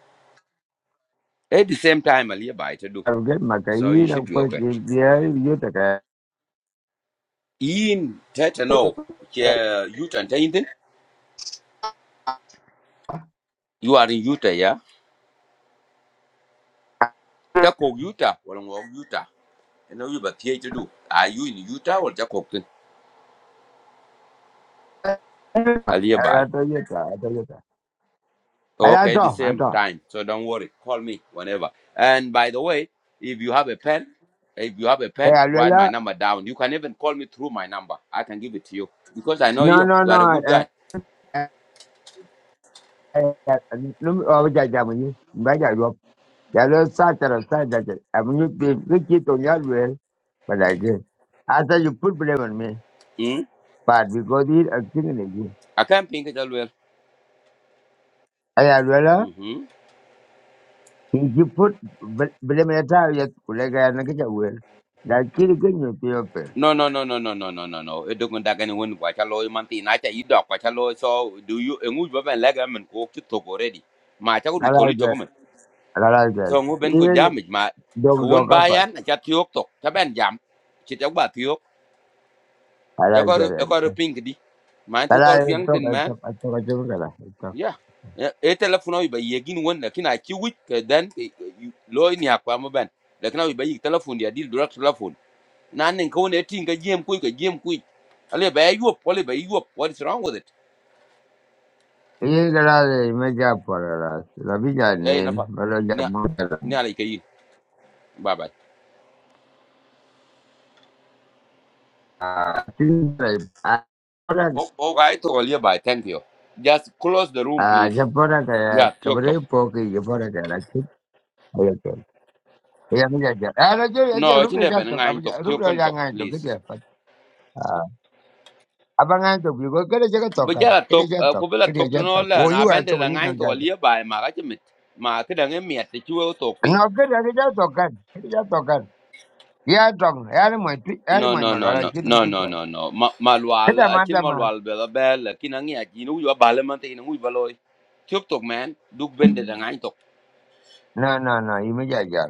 [SPEAKER 2] at the same time ali by to do
[SPEAKER 1] get
[SPEAKER 2] so you
[SPEAKER 1] makai na
[SPEAKER 2] should be
[SPEAKER 1] kwa
[SPEAKER 2] okay
[SPEAKER 1] chintia yuta kaya.
[SPEAKER 2] in that no che utah and anything you are in utah yeah that cook utah well utah you know you but here to do are you in utah or just cook ali
[SPEAKER 1] Ela to yuta, ela to yuta. Ela
[SPEAKER 2] Okay,
[SPEAKER 1] to,
[SPEAKER 2] the
[SPEAKER 1] ela
[SPEAKER 2] same
[SPEAKER 1] to.
[SPEAKER 2] time. So don't worry. Call me whenever. And by the way, if you have a pen, if you have a
[SPEAKER 1] Eh,
[SPEAKER 2] pen, write my
[SPEAKER 1] aluela.
[SPEAKER 2] number down. You can even call me through my number. I can give it to you because I know
[SPEAKER 1] No,
[SPEAKER 2] you.
[SPEAKER 1] no,
[SPEAKER 2] You are a good guy.
[SPEAKER 1] no. bây giờ mình bây giờ gộp giờ nó xa
[SPEAKER 2] Mm?
[SPEAKER 1] but because he acting in it a thing này chứ
[SPEAKER 2] I can't think it all well.
[SPEAKER 1] ai à rồi là
[SPEAKER 2] Mm-hmm.
[SPEAKER 1] thì chụp phút bên mình ta giờ cũng lấy cái này cái chụp rồi là chỉ cái nhiều tiêu pe
[SPEAKER 2] No, no, no, no, no, no, no, no, no. It doesn't take anyone. to Watch a lawyer, man. Tina, I tell you, doc. Watch a lawyer. So do you? And we've been like I'm in coke to talk already. My child do
[SPEAKER 1] là là
[SPEAKER 2] totally talk man. So we've been good
[SPEAKER 1] even
[SPEAKER 2] jam. it, My
[SPEAKER 1] dog dog
[SPEAKER 2] kawan
[SPEAKER 1] apa
[SPEAKER 2] bayan, I chat you talk. Taban jam. Chit about
[SPEAKER 1] là là
[SPEAKER 2] ekor
[SPEAKER 1] cái
[SPEAKER 2] ekor pink di man
[SPEAKER 1] là
[SPEAKER 2] te kor
[SPEAKER 1] là
[SPEAKER 2] piang
[SPEAKER 1] tôi
[SPEAKER 2] tin
[SPEAKER 1] cái
[SPEAKER 2] man
[SPEAKER 1] tôi cái tôi cái
[SPEAKER 2] yeah Yeah, e telefono wi ba yegin won na kina ki wit ke den ke- ke yu- lo ni akwa mo ben da kana ba yi telephone dia deal direct telephone na nen ko ne tin ga jem ku ga jem ku ale ba yu pole ba yu what is wrong with it
[SPEAKER 1] Iye gara da me ja parara. La villa
[SPEAKER 2] e na
[SPEAKER 1] nen,
[SPEAKER 2] fa
[SPEAKER 1] bala ja
[SPEAKER 2] ni
[SPEAKER 1] mutara.
[SPEAKER 2] ni ale ke yi bye bye
[SPEAKER 1] Tin lai a para
[SPEAKER 2] Oh, oh. I to le bye thank you just close the room
[SPEAKER 1] kaya. ja
[SPEAKER 2] please
[SPEAKER 1] para ka
[SPEAKER 2] yeah Talk,
[SPEAKER 1] kabre
[SPEAKER 2] talk.
[SPEAKER 1] po ki ja para ka la chu. Ayo ke. Ya me ja ja. Ara jo ya ja
[SPEAKER 2] no I
[SPEAKER 1] rup ne ja
[SPEAKER 2] ben
[SPEAKER 1] to. Ab
[SPEAKER 2] ngai tok
[SPEAKER 1] rup
[SPEAKER 2] tok
[SPEAKER 1] ne
[SPEAKER 2] kon
[SPEAKER 1] ja
[SPEAKER 2] talk,
[SPEAKER 1] ngai to
[SPEAKER 2] please
[SPEAKER 1] kite. Aba ngai to bi go kere ja to kan.
[SPEAKER 2] bijala
[SPEAKER 1] Kere
[SPEAKER 2] tok
[SPEAKER 1] ja to.
[SPEAKER 2] ko bela
[SPEAKER 1] Kere
[SPEAKER 2] tok to
[SPEAKER 1] ja to.
[SPEAKER 2] no la
[SPEAKER 1] Ko yu
[SPEAKER 2] na
[SPEAKER 1] a
[SPEAKER 2] bende
[SPEAKER 1] to
[SPEAKER 2] la ngai to
[SPEAKER 1] ja.
[SPEAKER 2] lia bai ma ga chimit ma ka dange miet ti chuo tok
[SPEAKER 1] No
[SPEAKER 2] ping
[SPEAKER 1] kere ja to kan. Kere ja Ya dong, ya mo ya
[SPEAKER 2] no
[SPEAKER 1] mo
[SPEAKER 2] no
[SPEAKER 1] ma
[SPEAKER 2] no
[SPEAKER 1] la
[SPEAKER 2] no
[SPEAKER 1] tu
[SPEAKER 2] no no
[SPEAKER 1] cha.
[SPEAKER 2] no no ma ma lwal
[SPEAKER 1] Kita
[SPEAKER 2] a
[SPEAKER 1] ma
[SPEAKER 2] chin
[SPEAKER 1] mana?
[SPEAKER 2] ma
[SPEAKER 1] ma.
[SPEAKER 2] lwal bela bel kin angi a chin yo bale man tin u baloi chok tok man duk bende la ngai tok
[SPEAKER 1] No no no, yu me ja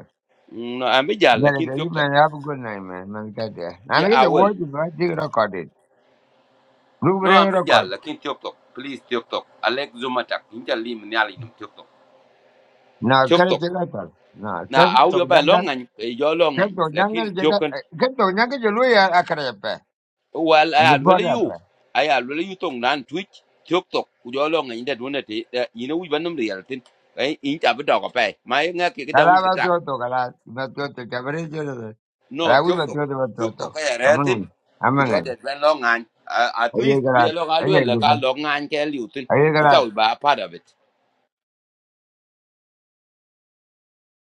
[SPEAKER 2] no am
[SPEAKER 1] Yeah,
[SPEAKER 2] bijala kin
[SPEAKER 1] you
[SPEAKER 2] chok tok
[SPEAKER 1] man, have a good night, man. Man, get there. And
[SPEAKER 2] ya
[SPEAKER 1] I get the
[SPEAKER 2] awel
[SPEAKER 1] word, you know, dig record it. Blue
[SPEAKER 2] no am
[SPEAKER 1] ring record.
[SPEAKER 2] bijala kin chok tok please chok tok alex zumatak inta lim nyali num chok tok
[SPEAKER 1] Now,
[SPEAKER 2] chok
[SPEAKER 1] can it
[SPEAKER 2] tok
[SPEAKER 1] check out? Now,
[SPEAKER 2] na
[SPEAKER 1] can
[SPEAKER 2] au yo
[SPEAKER 1] to
[SPEAKER 2] ba
[SPEAKER 1] younger,
[SPEAKER 2] longan yo longan
[SPEAKER 1] can to
[SPEAKER 2] lakin
[SPEAKER 1] younger,
[SPEAKER 2] chok
[SPEAKER 1] can to younger, you know, I can have
[SPEAKER 2] Well, I
[SPEAKER 1] And you put
[SPEAKER 2] alwele you.
[SPEAKER 1] up.
[SPEAKER 2] I alwele you tong nan twitch tiok tok ku jo long ngi de dune te you know we banum real tin. Ai in ta bi dog pe. Ma nga ke da un
[SPEAKER 1] Kalava
[SPEAKER 2] ta.
[SPEAKER 1] Toto, Kala, Matoto, Cabaret, Kala,
[SPEAKER 2] No
[SPEAKER 1] we
[SPEAKER 2] tiok
[SPEAKER 1] were
[SPEAKER 2] tok.
[SPEAKER 1] Toto,
[SPEAKER 2] Tiok tok
[SPEAKER 1] Toto.
[SPEAKER 2] ya re tin
[SPEAKER 1] Among
[SPEAKER 2] ku
[SPEAKER 1] among
[SPEAKER 2] jo de ben long ngan. At
[SPEAKER 1] Are you
[SPEAKER 2] least bi
[SPEAKER 1] glad?
[SPEAKER 2] long
[SPEAKER 1] Are
[SPEAKER 2] alwele ka
[SPEAKER 1] you
[SPEAKER 2] long ngan ke liu tin. I
[SPEAKER 1] glad?
[SPEAKER 2] thought be a part of it.